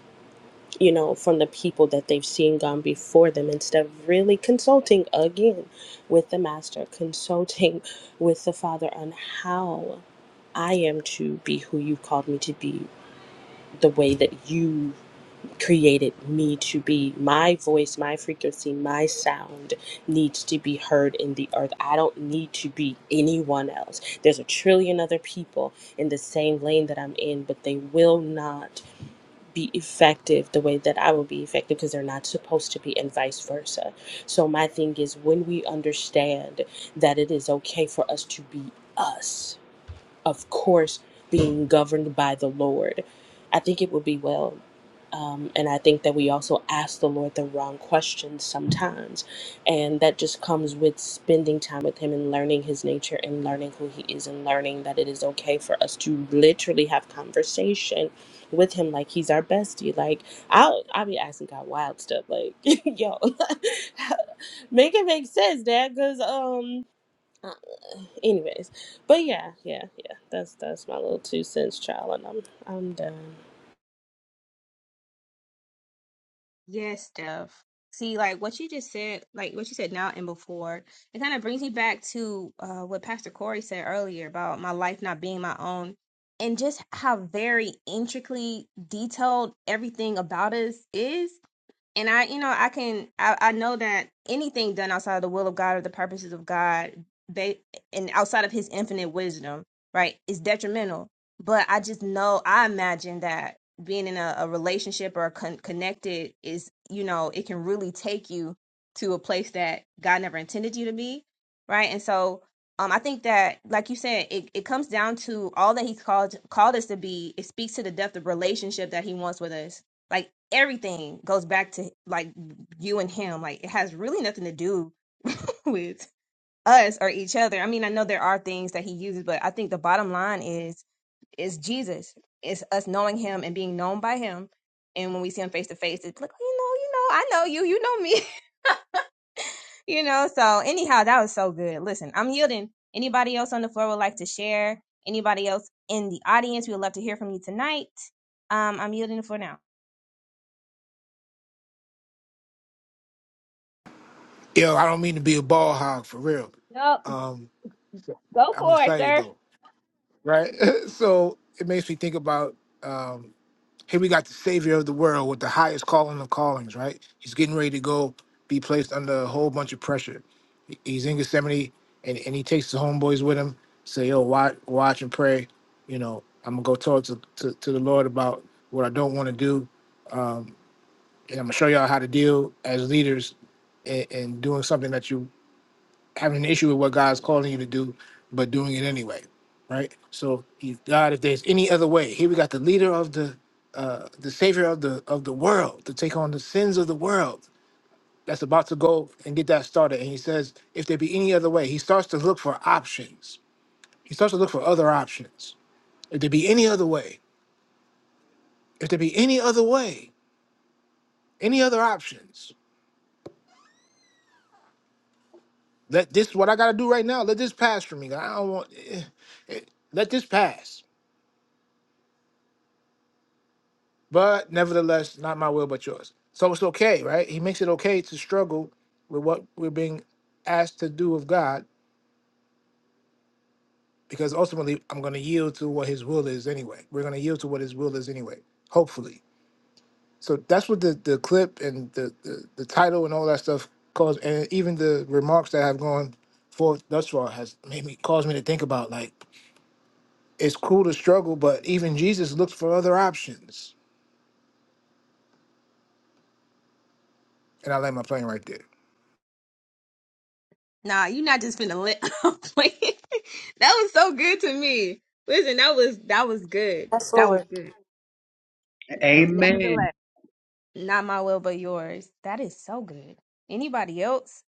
S6: You know, from the people that they've seen gone before them instead of really consulting again with the master, consulting with the father on how I am to be who you called me to be, the way that you created me to be. My voice, my frequency, my sound needs to be heard in the earth. I don't need to be anyone else. There's a trillion other people in the same lane that I'm in, but they will not be effective the way that I will be effective because they're not supposed to be, and vice versa. So, my thing is when we understand that it is okay for us to be us of course, being governed by the Lord, I think it would be well. Um, and I think that we also ask the Lord the wrong questions sometimes. And that just comes with spending time with Him and learning His nature and learning who He is and learning that it is okay for us to literally have conversation with Him like He's our bestie. Like, I'll, I'll be asking God wild stuff, like, yo, make it make sense, Dad, because, um, Anyways, but yeah, yeah, yeah. That's that's my little two cents, child, and I'm I'm done.
S1: Yes, Steph. See, like what you just said, like what you said now and before, it kind of brings me back to uh, what Pastor Corey said earlier about my life not being my own and just how very intricately detailed everything about us is and I, you know, I can, I, I know that anything done outside of the will of God or the purposes of God, ba- and outside of His infinite wisdom, right, is detrimental. But I just know, I imagine that being in a, a relationship or con- connected is, you know, it can really take you to a place that God never intended you to be, right? And so, um, I think that, like you said, it, it comes down to all that He's called called us to be. It speaks to the depth of relationship that He wants with us like everything goes back to like you and him. Like it has really nothing to do with us or each other. I mean, I know there are things that he uses, but I think the bottom line is is Jesus. It's us knowing him and being known by him. And when we see him face to face, it's like, you know, you know, I know you, you know me, you know. So anyhow, that was so good. Listen, I'm yielding. Anybody else on the floor would like to share? Anybody else in the audience? We would love to hear from you tonight. Um, I'm yielding for now.
S10: Yo, I don't mean to be a ball hog for real.
S1: Nope,
S10: Um,
S1: go
S10: I'm
S1: for it,
S10: excited
S1: sir.
S10: though. right? so it makes me think about um, here we got the savior of the world with the highest calling of callings, right? He's getting ready to go be placed under a whole bunch of pressure. He- He's in Gethsemane and, and he takes the homeboys with him, say, yo, watch, watch and pray. You know, I'm gonna go talk to, to, to the Lord about what I don't want to do. Um, and I'm gonna show y'all how to deal as leaders and, and doing something that you having an issue with what God's calling you to do, but doing it anyway, right? So, he, God, if there's any other way, here we got the leader of the, uh, the savior of the of the world to take on the sins of the world that's about to go and get that started. And he says, if there be any other way, he starts to look for options. He starts to look for other options. If there be any other way, if there be any other way, any other options, let this what I got to do right now. Let this pass for me. God. I don't want. eh, Let this pass But nevertheless, not my will, but yours. So it's okay, right? He makes it okay to struggle with what we're being asked to do of God, because ultimately I'm going to yield to what His will is anyway. We're going to yield to what His will is anyway, hopefully. So that's what the, the clip and the, the, the title and all that stuff caused, and even the remarks that have gone forth thus far has made me caused me to think about like it's cool to struggle, but even Jesus looked for other options. And I land my plane right there.
S1: Nah, you not just finna let up playing. That was so good to me. Listen, that was that was good.
S3: Yes,
S1: That was
S3: Lord.
S1: good.
S9: Amen.
S1: Nevertheless, not my will but yours. That is so good. Anybody else?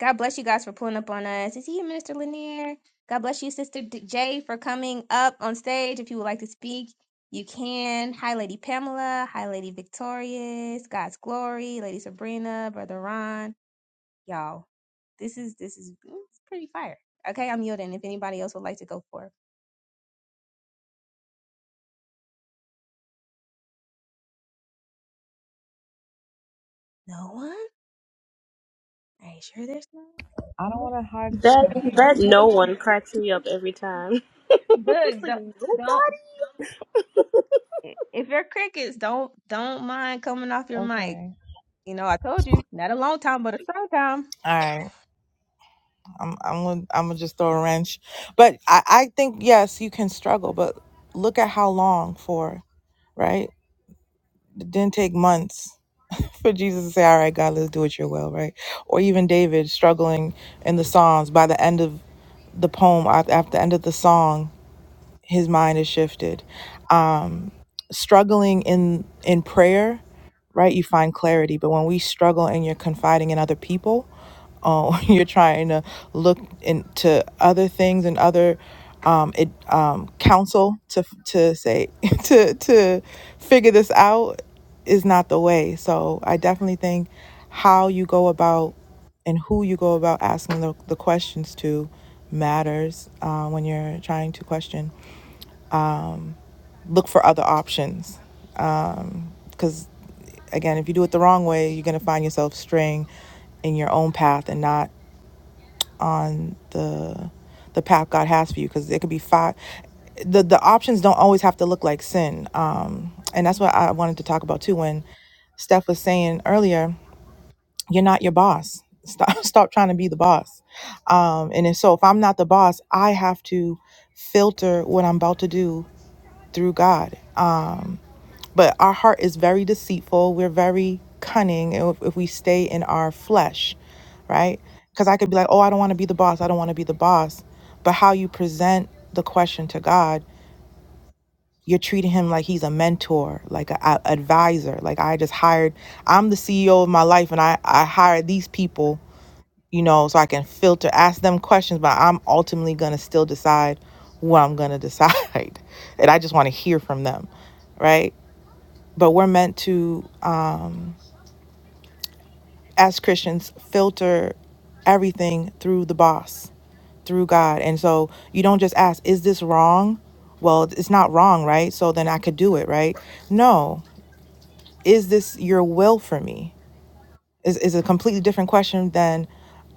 S1: God bless you guys for pulling up on us. Is he Minister Lanier? God bless you, Sister D- Jay, for coming up on stage. If you would like to speak, you can. Hi, Lady Pamela. Hi, Lady Victorious. God's Glory. Lady Sabrina. Brother Ron. y'all. This is this is mm, it's pretty fire. Okay, I'm yielding. If anybody else would like to go for it. no one, are you sure there's no?
S7: I don't want to hug.
S6: That
S1: one?
S6: that no one cracks me up every time. it's
S1: Look,
S6: like
S1: don't
S6: nobody.
S1: don't if you're crickets, don't don't mind coming off your mic.
S7: Okay.
S1: You know, I told you not a long time, but a strong time.
S7: All right, I'm I'm gonna I'm gonna just throw a wrench, but I I think yes you can struggle, but look at how long for right? It didn't take months. for Jesus to say, All right, God, let's do it your will, right? Or even David struggling in the Psalms by the end of the poem, at at the end of the song, his mind is shifted struggling in in prayer, right? You find clarity, but when we struggle and you're confiding in other people, uh, you're trying to look into other things and other um, it, um, counsel to to say to to figure this out is not the way. So I definitely think how you go about and who you go about asking the, the questions to matters uh, when you're trying to question. Look for other options because. Again, if you do it the wrong way, you're going to find yourself straying in your own path and not on the the path God has for you because it could be five the the options don't always have to look like sin. Um and that's what I wanted to talk about too when Steph was saying earlier, you're not your boss. Stop stop trying to be the boss. Um and if, so if I'm not the boss, I have to filter what I'm about to do through God. But our heart is very deceitful. We're very cunning if, if we stay in our flesh, right? Because I could be like, oh, I don't want to be the boss. I don't want to be the boss. But how you present the question to God, you're treating him like he's a mentor, like an advisor. Like I just hired, I'm the CEO of my life and I, I hired these people, you know, so I can filter, ask them questions, but I'm ultimately going to still decide what I'm going to decide. and I just want to hear from them, right? But we're meant to as Christians, filter everything through the boss, through God. And so you don't just ask, is this wrong? Well, it's not wrong, right? So then I could do it, right? No. Is this your will for me? is, is a completely different question than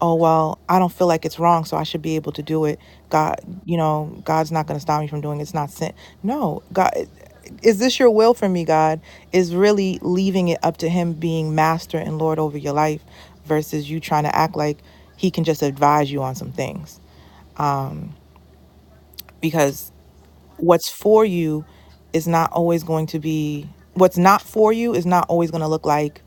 S7: oh well i don't feel like it's wrong so i should be able to do it god you know god's not going to stop me from doing it. it's not sin no god is this your will for me god is really leaving it up to him being master and lord over your life versus you trying to act like he can just advise you on some things because what's for you is not always going to be what's not for you is not always going to look like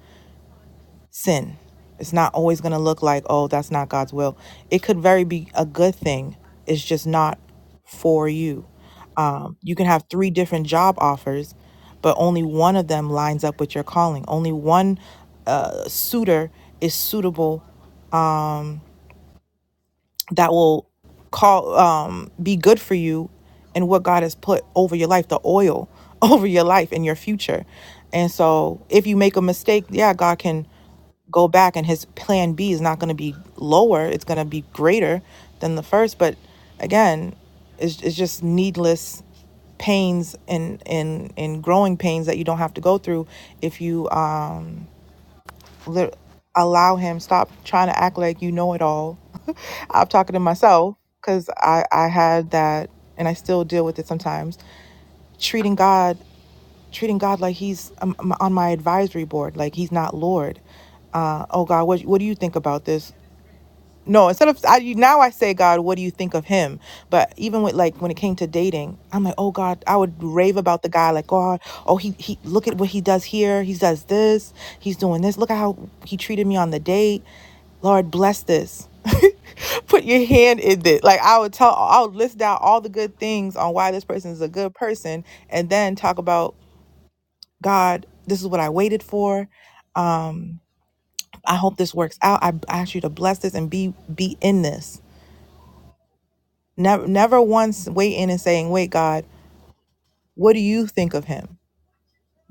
S7: sin. It's not always going to look like, oh, that's not God's will. It could very be a good thing. It's just not for you. Um, you can have three different job offers, but only one of them lines up with your calling. Only one uh, suitor is suitable that will call um be good for you and what God has put over your life, the oil over your life and your future. And so if you make a mistake, yeah, God can go back and his plan B is not going to be lower, it's going to be greater than the first, but again, it's, it's just needless pains and and and growing pains that you don't have to go through if you um, Lit- allow him stop trying to act like you know it all i'm talking to myself because i i had that and i still deal with it sometimes treating god treating god like he's um, um, on my advisory board like he's not lord uh, oh god what, what do you think about this no, instead of I now I say God, what do you think of him? But even with like when it came to dating, I'm like, oh God, I would rave about the guy, like God, oh he he look at what he does here, he does this, he's doing this. Look at how he treated me on the date. Lord bless this. Put your hand in this. Like I would tell, I would list down all the good things on why this person is a good person, and then talk about God. This is what I waited for. Um, I hope this works out. I, I ask you to bless this and be be in this Never, never once waiting and saying, Wait, God, what do you think of him?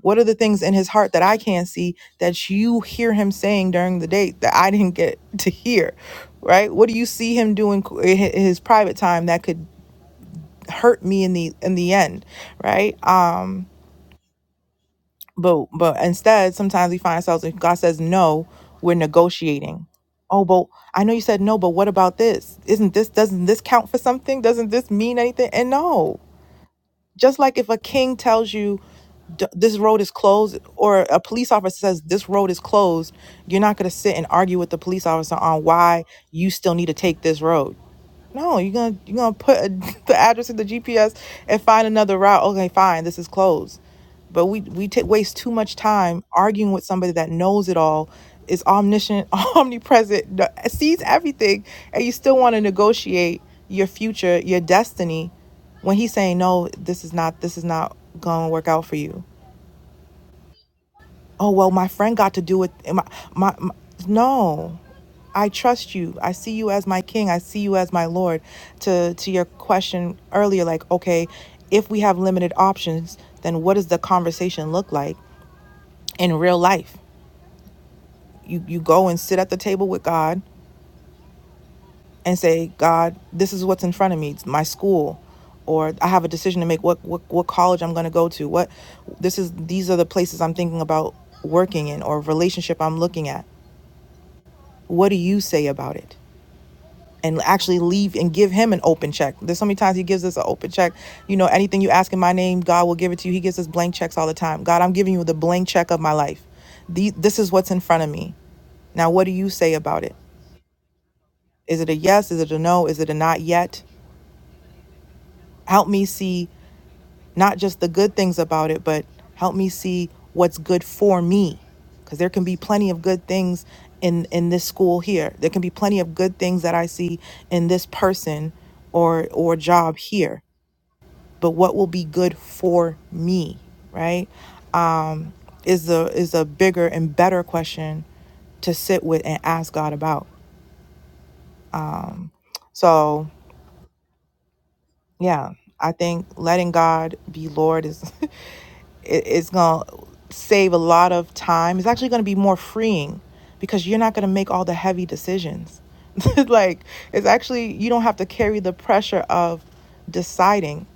S7: What are the things in his heart that I can't see that you hear him saying during the day that I didn't get to hear? Right? What do you see him doing in his private time that could hurt me in the in the end? Right? Um, but but instead, sometimes we find ourselves if God says no, we're negotiating. Oh, but I know you said no, but what about this? Isn't this doesn't this count for something? Doesn't this mean anything? And no. Just like if a king tells you "D- this road is closed or a police officer says this road is closed, you're not going to sit and argue with the police officer on why you still need to take this road. No, you're gonna you're gonna put a, the address in the GPS and find another route. Okay, fine, this is closed. But we we t- waste too much time arguing with somebody that knows it all, is omniscient, omnipresent, kn- sees everything, and you still want to negotiate your future, your destiny, when he's saying no, this is not this is not gonna work out for you oh well my friend got to do it my, my, my no i trust you i see you as my king i see you as my lord to to your question earlier like okay if we have limited options then what does the conversation look like in real life you you go and sit at the table with god and say god this is what's in front of me it's my school or I have a decision to make what what, what college I'm going to go to. What this is these are the places I'm thinking about working in or relationship I'm looking at. What do you say about it? And actually leave and give him an open check. There's so many times he gives us an open check. You know, anything you ask in my name, God will give it to you. He gives us blank checks all the time. God, I'm giving you the blank check of my life. The, this is what's in front of me. Now, what do you say about it? Is it a yes? Is it a no? Is it a not yet? Help me see not just the good things about it, but help me see what's good for me. Because there can be plenty of good things in, in this school here. There can be plenty of good things that I see in this person or or job here. But what will be good for me, right? Uh, Is a is a bigger and better question to sit with and ask God about. So yeah, I think letting God be Lord is it, it's going to save a lot of time. It's actually going to be more freeing because you're not going to make all the heavy decisions. like, it's actually, you don't have to carry the pressure of deciding.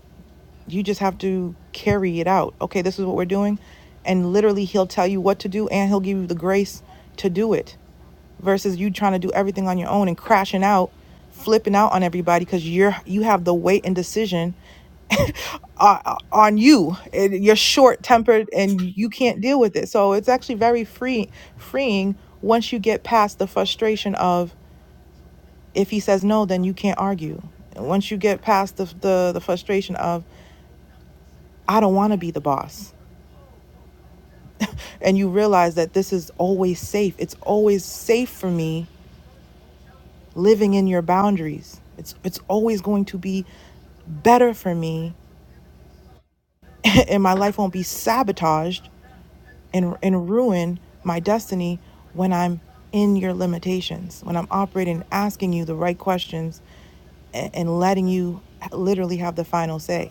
S7: You just have to carry it out. Okay, this is what we're doing. And literally, he'll tell you what to do and he'll give you the grace to do it versus you trying to do everything on your own and crashing out, flipping out on everybody because you're you have the weight and decision uh, on you and you're short tempered and you can't deal with it so it's actually very free freeing once you get past the frustration of if he says no then you can't argue and once you get past the the, the frustration of i don't want to be the boss and you realize that this is always safe it's always safe for me living in your boundaries it's it's always going to be better for me and my life won't be sabotaged and, and ruin my destiny when I'm in your limitations, when I'm operating, asking you the right questions, and, and letting you literally have the final say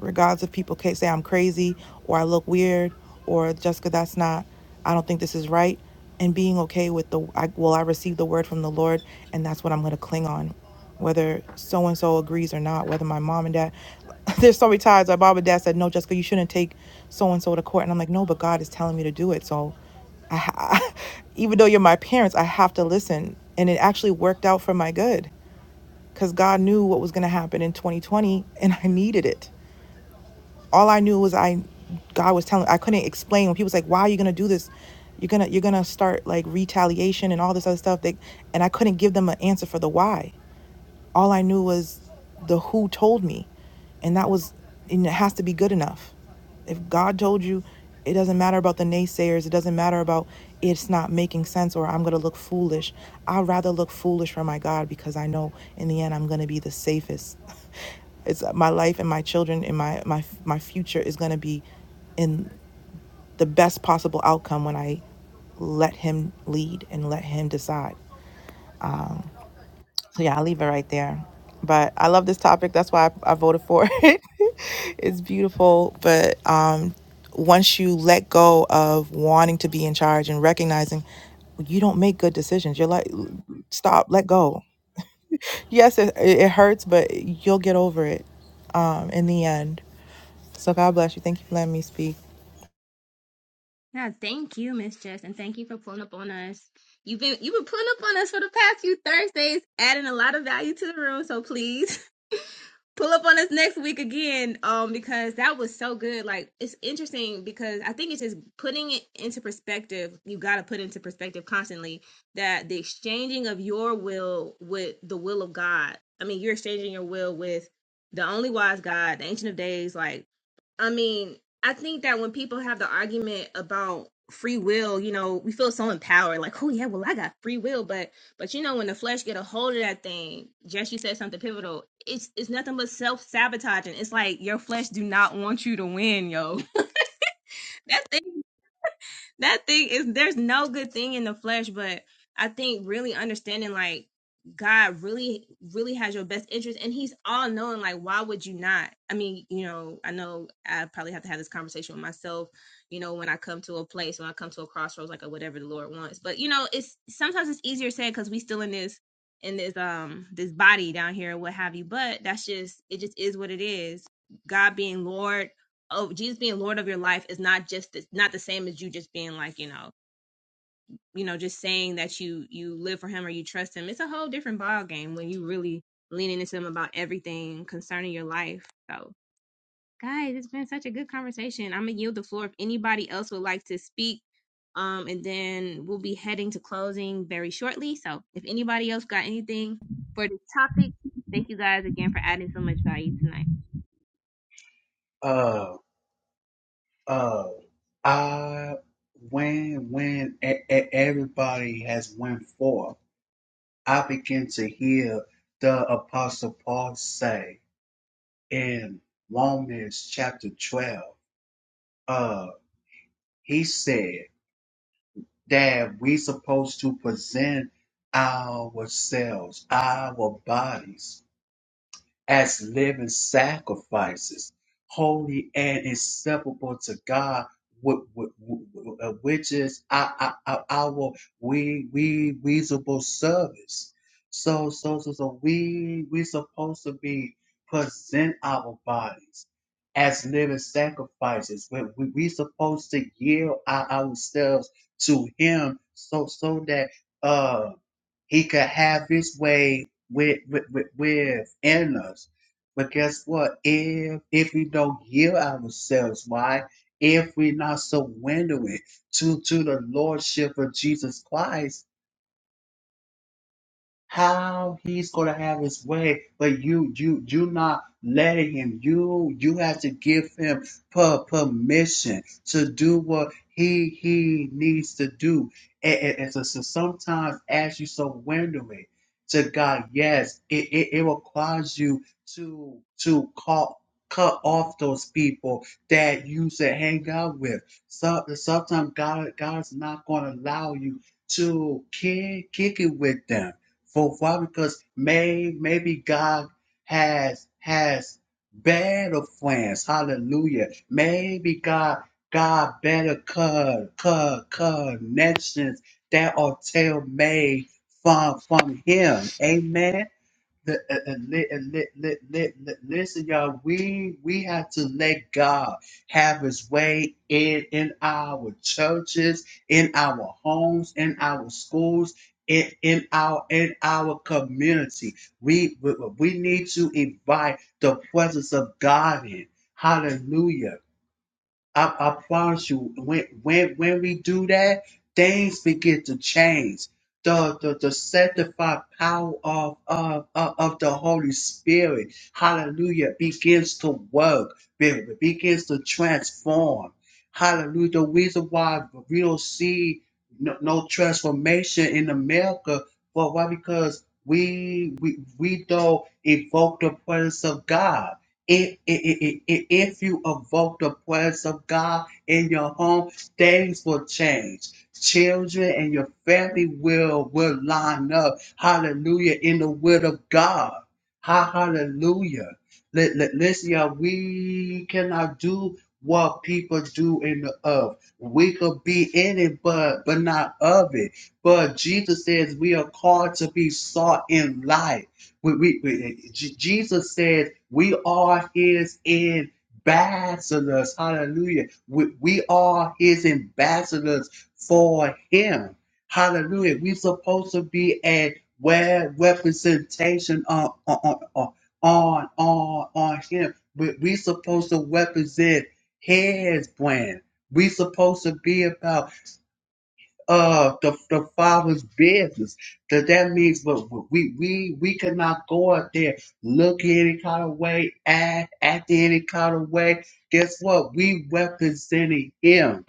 S7: regardless if people can say I'm crazy or I look weird or Jessica, that's not, I don't think this is right. And being okay with the, I, well, I received the word from the Lord and that's what I'm going to cling on, whether so and so agrees or not, whether my mom and dad, there's so many times my mom and dad said, no, Jessica, you shouldn't take so and so to court. And I'm like, no, but God is telling me to do it. So I, ha- even though you're my parents, I have to listen. And it actually worked out for my good because God knew what was going to happen in 2020 and I needed it all I knew was I God was telling I couldn't explain when people was like, Why are you gonna do this? You're gonna you're gonna start like retaliation and all this other stuff. They, and I couldn't give them an answer for the why. All I knew was the who told me, and that was, and it has to be good enough. If God told you, it doesn't matter about the naysayers. It doesn't matter about it's not making sense or I'm going to look foolish. I'd rather look foolish for my God because I know in the end I'm going to be the safest. it's my life and my children and my my my future is going to be in the best possible outcome when I let him lead and let him decide. So yeah, I'll leave it right there. But I love this topic. That's why I, I voted for it. it's beautiful. But um, once you let go of wanting to be in charge and recognizing you don't make good decisions, you're like, stop, let go. Yes, it, it it hurts, but you'll get over it um, in the end. So God bless you. Thank you for letting me speak.
S1: Yeah, thank you, Miss Jess, and thank you for pulling up on us. You've been you've been pulling up on us for the past few Thursdays, adding a lot of value to the room. So please pull up on us next week again um because that was so good like it's interesting because i think it's just putting it into perspective you got to put into perspective constantly that the exchanging of your will with the will of god i mean you're exchanging your will with the only wise god the ancient of days like i mean i think that when people have the argument about free will you know we feel so empowered like oh yeah well i got free will but but you know, when the flesh get a hold of that thing, Jess, you said something pivotal. It's it's nothing but self sabotaging. It's like your flesh do not want you to win, yo. that thing that thing is there's no good thing in the flesh, but I think really understanding like God really really has your best interest and he's all knowing like why would you not? I mean, you know, I know I probably have to have this conversation with myself, you know, when I come to a place, when I come to a crossroads like a whatever the Lord wants. But you know, it's sometimes it's easier said cuz we still in this in this um this body down here and what have you, but that's just it just is what it is. God being Lord oh jesus being lord of your life is not just the, not the same as you just being like you know you know just saying that you you live for him or you trust him it's a whole different ball game when you really leaning into him about everything concerning your life so guys it's been such a good conversation i'm gonna yield the floor if anybody else would like to speak um and then we'll be heading to closing very shortly so if anybody else got anything for this topic thank you guys again for adding so much value tonight
S9: Uh. Uh, I when when e- e- everybody has went forth, I begin to hear the Apostle Paul say in Romans chapter twelve. Uh, he said that we supposed to present ourselves, our bodies as living sacrifices, holy and acceptable to God, wh- wh- wh- uh, which is our, our, our our we we reasonable service. So so so so we we supposed to be present our bodies as living sacrifices. We we, we supposed to yield our, ourselves to Him, so so that. uh. He could have his way with, with, with, within us. But guess what? If if we don't yield ourselves, why? If we're not surrendering to, to the Lordship of Jesus Christ, how he's gonna have his way, but you you you not letting him. You you have to give him per- permission to do what he he needs to do. And, and, and so, so sometimes as you surrender it to God, yes, it, it, it requires you to to call cut off those people that you should hang out with. So, sometimes God God's not gonna allow you to kick kick it with them for why? Because may maybe God has has better friends. Hallelujah. Maybe God God better cut cut connections that are tailor made from from Him. Amen. The- uh, uh, li- uh, li- li- li- li- Listen, y'all, we we have to let God have His way in in our churches, in our homes, in our schools, in in our in our community. We we, we need to invite the presence of God in. Hallelujah. I, I promise you, when when when we do that, things begin to change. The the, the sanctified power of, of of of the Holy Spirit, Hallelujah, begins to work. be- Begins to transform. Hallelujah. The reason why we don't see no, no transformation in America, but why? Because we we we don't evoke the presence of God. If, if, if if you evoke the presence of God in your home, things will change. Children and your family will will line up. Hallelujah! In the will of God. Ha- Hallelujah. Li- li- Listen, y'all, we cannot do what people do in the earth. We could be in it, but but not of it. But Jesus says we are called to be sought in light. We, we, we- Jesus said we are his ambassadors. Hallelujah. We, we are his ambassadors for him. Hallelujah. We're supposed to be a well representation on on on on, on, on him. We, we're supposed to represent his brand. We're supposed to be about uh the, the father's business. That that means but we we we cannot go out there look any kind of way, act act any kind of way. Guess what? We representing him.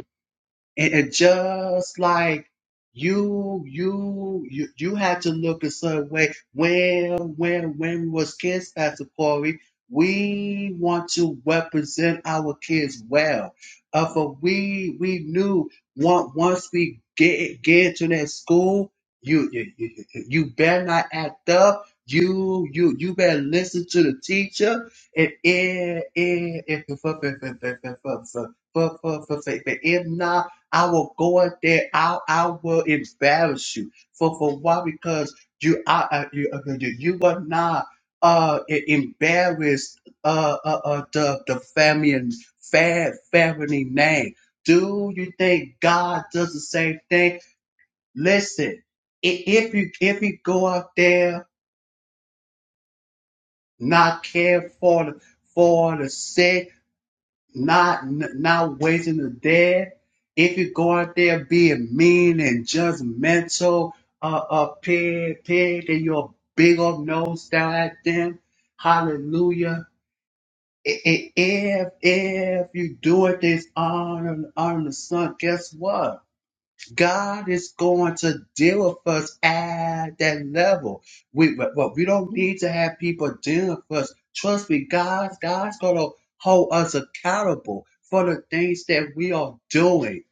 S9: And just like you, you, you, you have to look a certain way. When, when, when was kids, Pastor Corey? We want to represent our kids well. But we, we knew. Once we get get to that school, you, you, you, you better not act up. You, you, you better listen to the teacher. And if, if, if, if, if, if, if, if, if not. I will go out there. I I will embarrass you for for why because you are uh, you uh, you you are not uh e- embarrassed uh uh, uh the the family and fa- family name. Do you think God does the same thing? Listen, i- if you if you go out there not care for the for the sick not not wasting a day. If you go out there being mean and judgmental, a uh, uh, pig, pig, and your big old nose down at them, hallelujah. I- I- If if you do it this on on the sun, guess what? God is going to deal with us at that level. We, but but we don't need to have people dealing with us. Trust me, God, God's going to hold us accountable for the things that we are doing.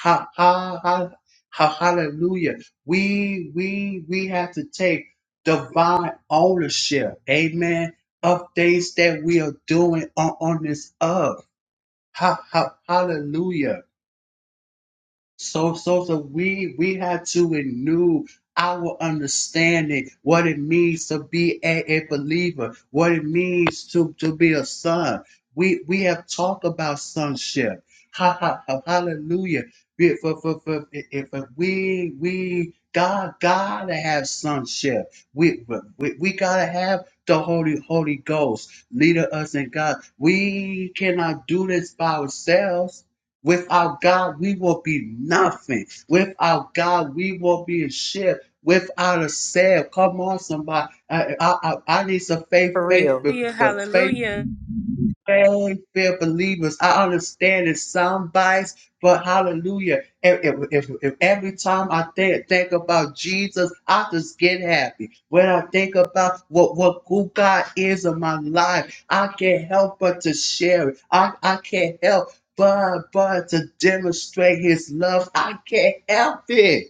S9: Ha, ha, ha, ha, hallelujah. We, we, we have to take divine ownership. Amen. Of things that we are doing on, on this earth. Ha, ha, hallelujah. So, so, so we we had to renew our understanding what it means to be a, a believer, what it means to to be a son. We we have talked about sonship. Ha ha, ha hallelujah. We- For, for, for, if if we we God gotta have sonship. We we, we gotta have the Holy Holy Ghost leader us in God. We cannot do this by ourselves. Without God, we will be nothing. Without God, we will be a ship Without a sail. come on, somebody. I, I, I, I need some faith,
S3: For
S9: faith,
S3: real. Hallelujah.
S9: faith, faith.
S3: Hallelujah.
S9: Hey, fair believers, I understand it's some bias, but hallelujah. If, if, if, if every time I think, think about Jesus, I just get happy. When I think about what, what who God is in my life, I can't help but to share it. I, I can't help but, but to demonstrate his love. I can't help it.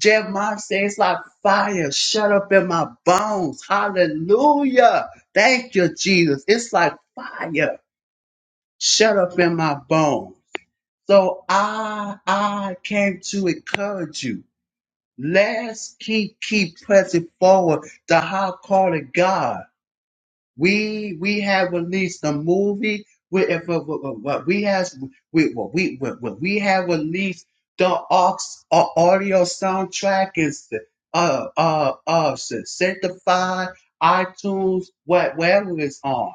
S9: Jeremiah says, it's like fire, shut up in my bones. Hallelujah. Thank you, Jesus. It's like fire shut up in my bones. So I I came to encourage you. Let's keep keep pressing forward to how calling God. We we have released a movie. We if, if- if- we has we well, we we, we we have released the aux, uh, audio soundtrack is uh uh uh sanctified iTunes what wherever it's on.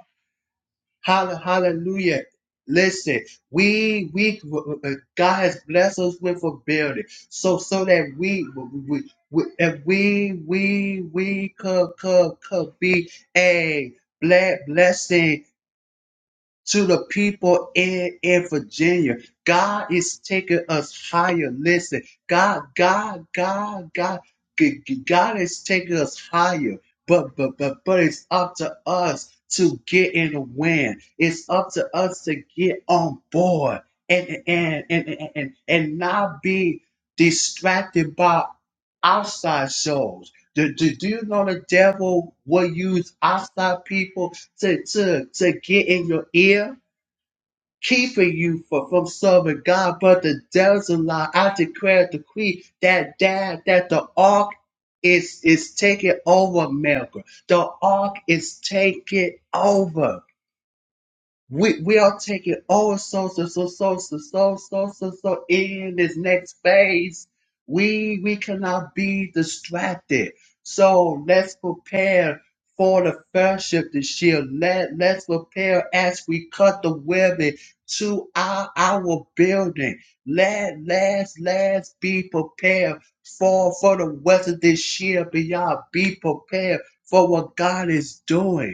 S9: Hall- Hallelujah. Listen, we we uh, God has blessed us with ability, so so that we we we that we we we could could could be a ble- blessing to the people in, in Virginia. God is taking us higher. Listen, God, God, God, God, G- G- God is taking us higher. But but but but it's up to us to get in the wind. It's up to us to get on board and and and and, and, and not be distracted by outside shows do, do, do you know the devil will use outside people to, to, to get in your ear, keeping you from, from serving God? But the devil's a lie. I declare, decree that that, that the ark is, is taking over America. The ark is taking over. We we are taking all so so so so so so so so so in this next phase. We we cannot be distracted. So let's prepare for the fellowship this year. Let let's prepare as we cut the webbing to our our building. Let let's let's be prepared for for the weather this year beyond. Be prepared for what God is doing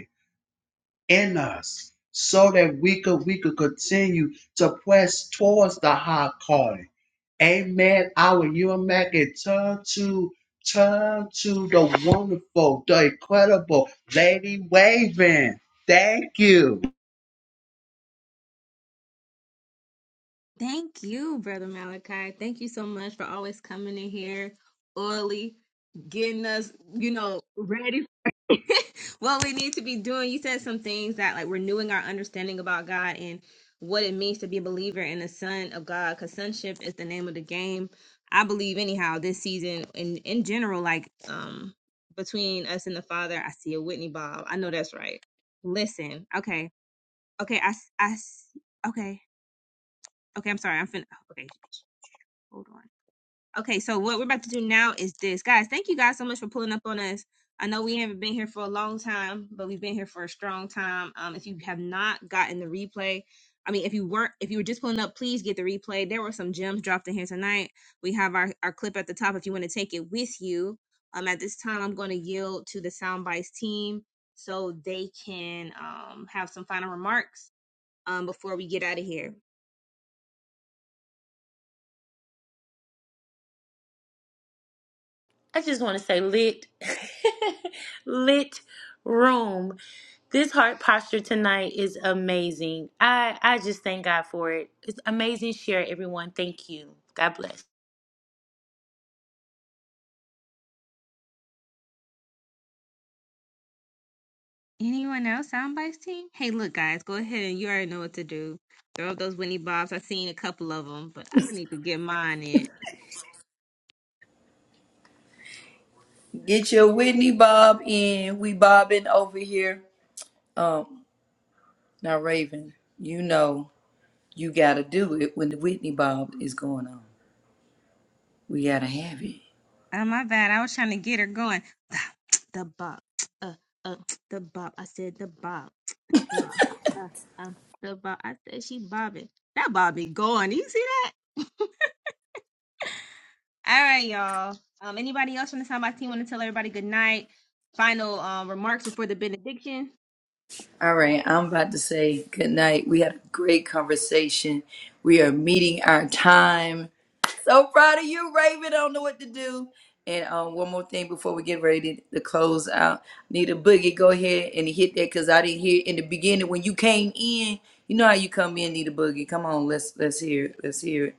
S9: in us so that we could we could continue to press towards the high calling. Amen. Our you and turn to turn to the wonderful, the incredible Lady Waving. Thank you.
S1: Thank you, Brother Malachi. Thank you so much for always coming in here early, getting us, you know, ready for what we need to be doing. You said some things that like renewing our understanding about God and what it means to be a believer and a son of God, because sonship is the name of the game. I believe anyhow this season and in general, like um between us and the Father, I see a Whitney Bob. I know that's right. Listen, okay, okay, I, s- I, s- okay. Okay, I'm sorry. I'm fin. Okay, hold on. Okay, so what we're about to do now is this, guys. Thank you guys so much for pulling up on us. I know we haven't been here for a long time, but we've been here for a strong time. Um, if you have not gotten the replay, I mean, if you weren't, if you were just pulling up, please get the replay. There were some gems dropped in here tonight. We have our our clip at the top if you want to take it with you. Um, at this time, I'm going to yield to the Soundbites team so they can um have some final remarks um before we get out of here.
S3: I just want to say lit, lit room. This heart posture tonight is amazing. I I just thank God for it. It's amazing share, everyone. Thank you. God bless.
S1: Anyone else? Soundbites team? Hey, look, guys, go ahead and you already know what to do. Throw up those Winnie Bobs. I've seen a couple of them, but I need to get mine in.
S8: Get your Whitney Bob in. We bobbing over here. Um, now Raven, you know you gotta do it when the Whitney Bob is going on. We gotta have it.
S1: Oh, my bad. I was trying to get her going. The bop. Uh, uh, the bop. I said the bop. Uh, uh, uh, the bob. I said she bobbing. That Bobby going. You see that? All right, y'all. Um, anybody else from the soundbox team want to tell everybody good night? Final um remarks before the benediction.
S8: All right, I'm about to say good night. We had a great conversation. We are meeting our time. So proud of you, Raven. I don't know what to do. And um, one more thing before we get ready to to close out. Need a boogie. Go ahead and hit that because I didn't hear it in the beginning when you came in. You know how you come in, need a boogie. Come on, let's let's hear it. Let's hear it.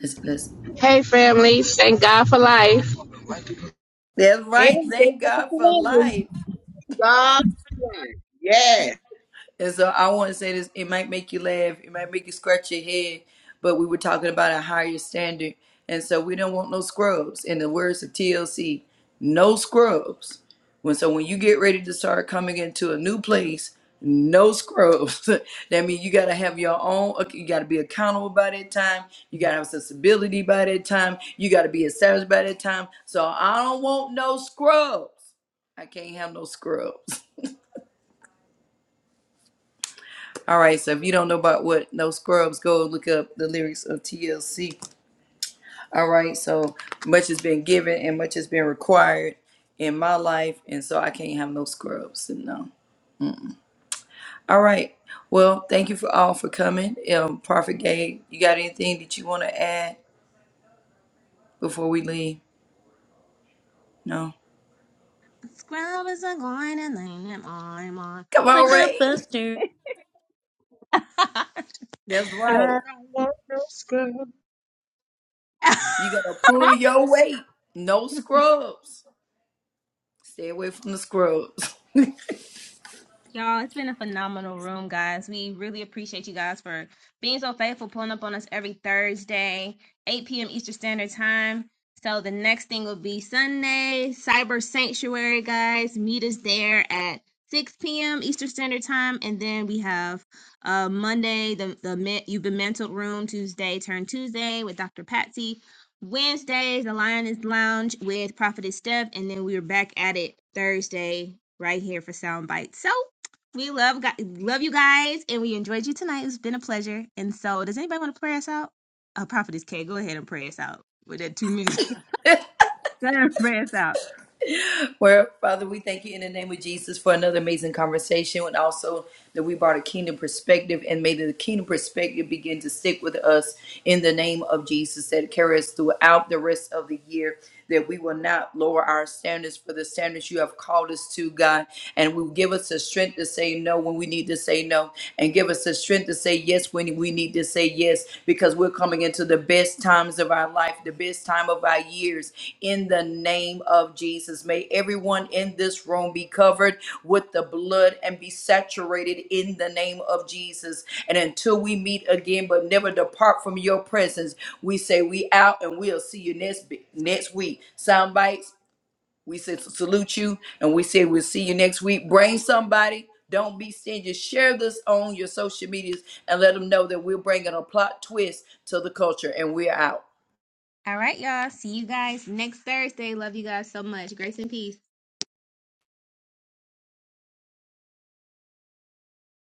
S8: Let's, let's.
S13: Hey, family. Thank God for life.
S8: That's right.
S14: And they
S8: Thank
S14: walk
S8: God for
S14: away.
S8: life.
S9: God. bless. Yes.
S8: And so I want to say this, it might make you laugh, it might make you scratch your head, but we were talking about a higher standard. And so we don't want no scrubs. In the words of TLC, no scrubs. When so when you get ready to start coming into a new place, no scrubs. that means you gotta have your own you gotta be accountable by that time, you gotta have sensibility by that time, you gotta be established by that time. So I don't want no scrubs. I can't have no scrubs. All right, so if you don't know about what No Scrubs, go look up the lyrics of TLC. All right, so much has been given and much has been required in my life, and so I can't have no scrubs. No. All right. Well, thank you for all for coming. Um, Prophet Gay, you got anything that you want to add before we leave? No.
S1: Scrub is a going and laying them on.
S8: Come
S3: It's
S8: on,
S3: like a
S8: Ray.
S3: buster.
S1: on.
S8: That's
S14: I
S8: right.
S14: don't want no scrub.
S8: You gotta pull your weight. No scrubs. Stay away from the scrubs.
S1: Y'all, it's been a phenomenal room, guys. We really appreciate you guys for being so faithful, pulling up on us every Thursday, 8 p.m. Eastern Standard Time. So the next thing will be Sunday, Cyber Sanctuary, guys. Meet us there at 6 p.m. Eastern Standard Time. And then we have uh, Monday, the, the Me- You've Been Mental Room, Tuesday, Turn Tuesday with Dr. Patsy. Wednesdays, the Lioness Lounge with Prophetess Steph. And then we are back at it Thursday right here for Soundbite. So we love gu- love you guys, and we enjoyed you tonight. It's been a pleasure. And so, does anybody want to pray us out? Oh, Prophetess K, go ahead and pray us out with that two minutes. go ahead and pray us out.
S8: Well, Father, we thank you in the name of Jesus for another amazing conversation and also that we brought a kingdom perspective and may the kingdom perspective begin to stick with us in the name of Jesus that carry us throughout the rest of the year. That we will not lower our standards for the standards you have called us to, God. And will give us the strength to say no when we need to say no, and give us the strength to say yes yes when we need to say yes because we're coming into the best times of our life, the best time of our years. In the name of Jesus, may everyone in this room be covered with the blood and be saturated in the name of Jesus. And until we meet again, but never depart from your presence, we say we out and we'll see you next next week. Soundbites. We said salute you, and we say we'll see you next week. Bring somebody. Don't be stingy. Share this on your social medias and let them know that we're bringing a plot twist to the culture. And we're out.
S1: All right, y'all. See you guys next Thursday. Love you guys so much. Grace and peace.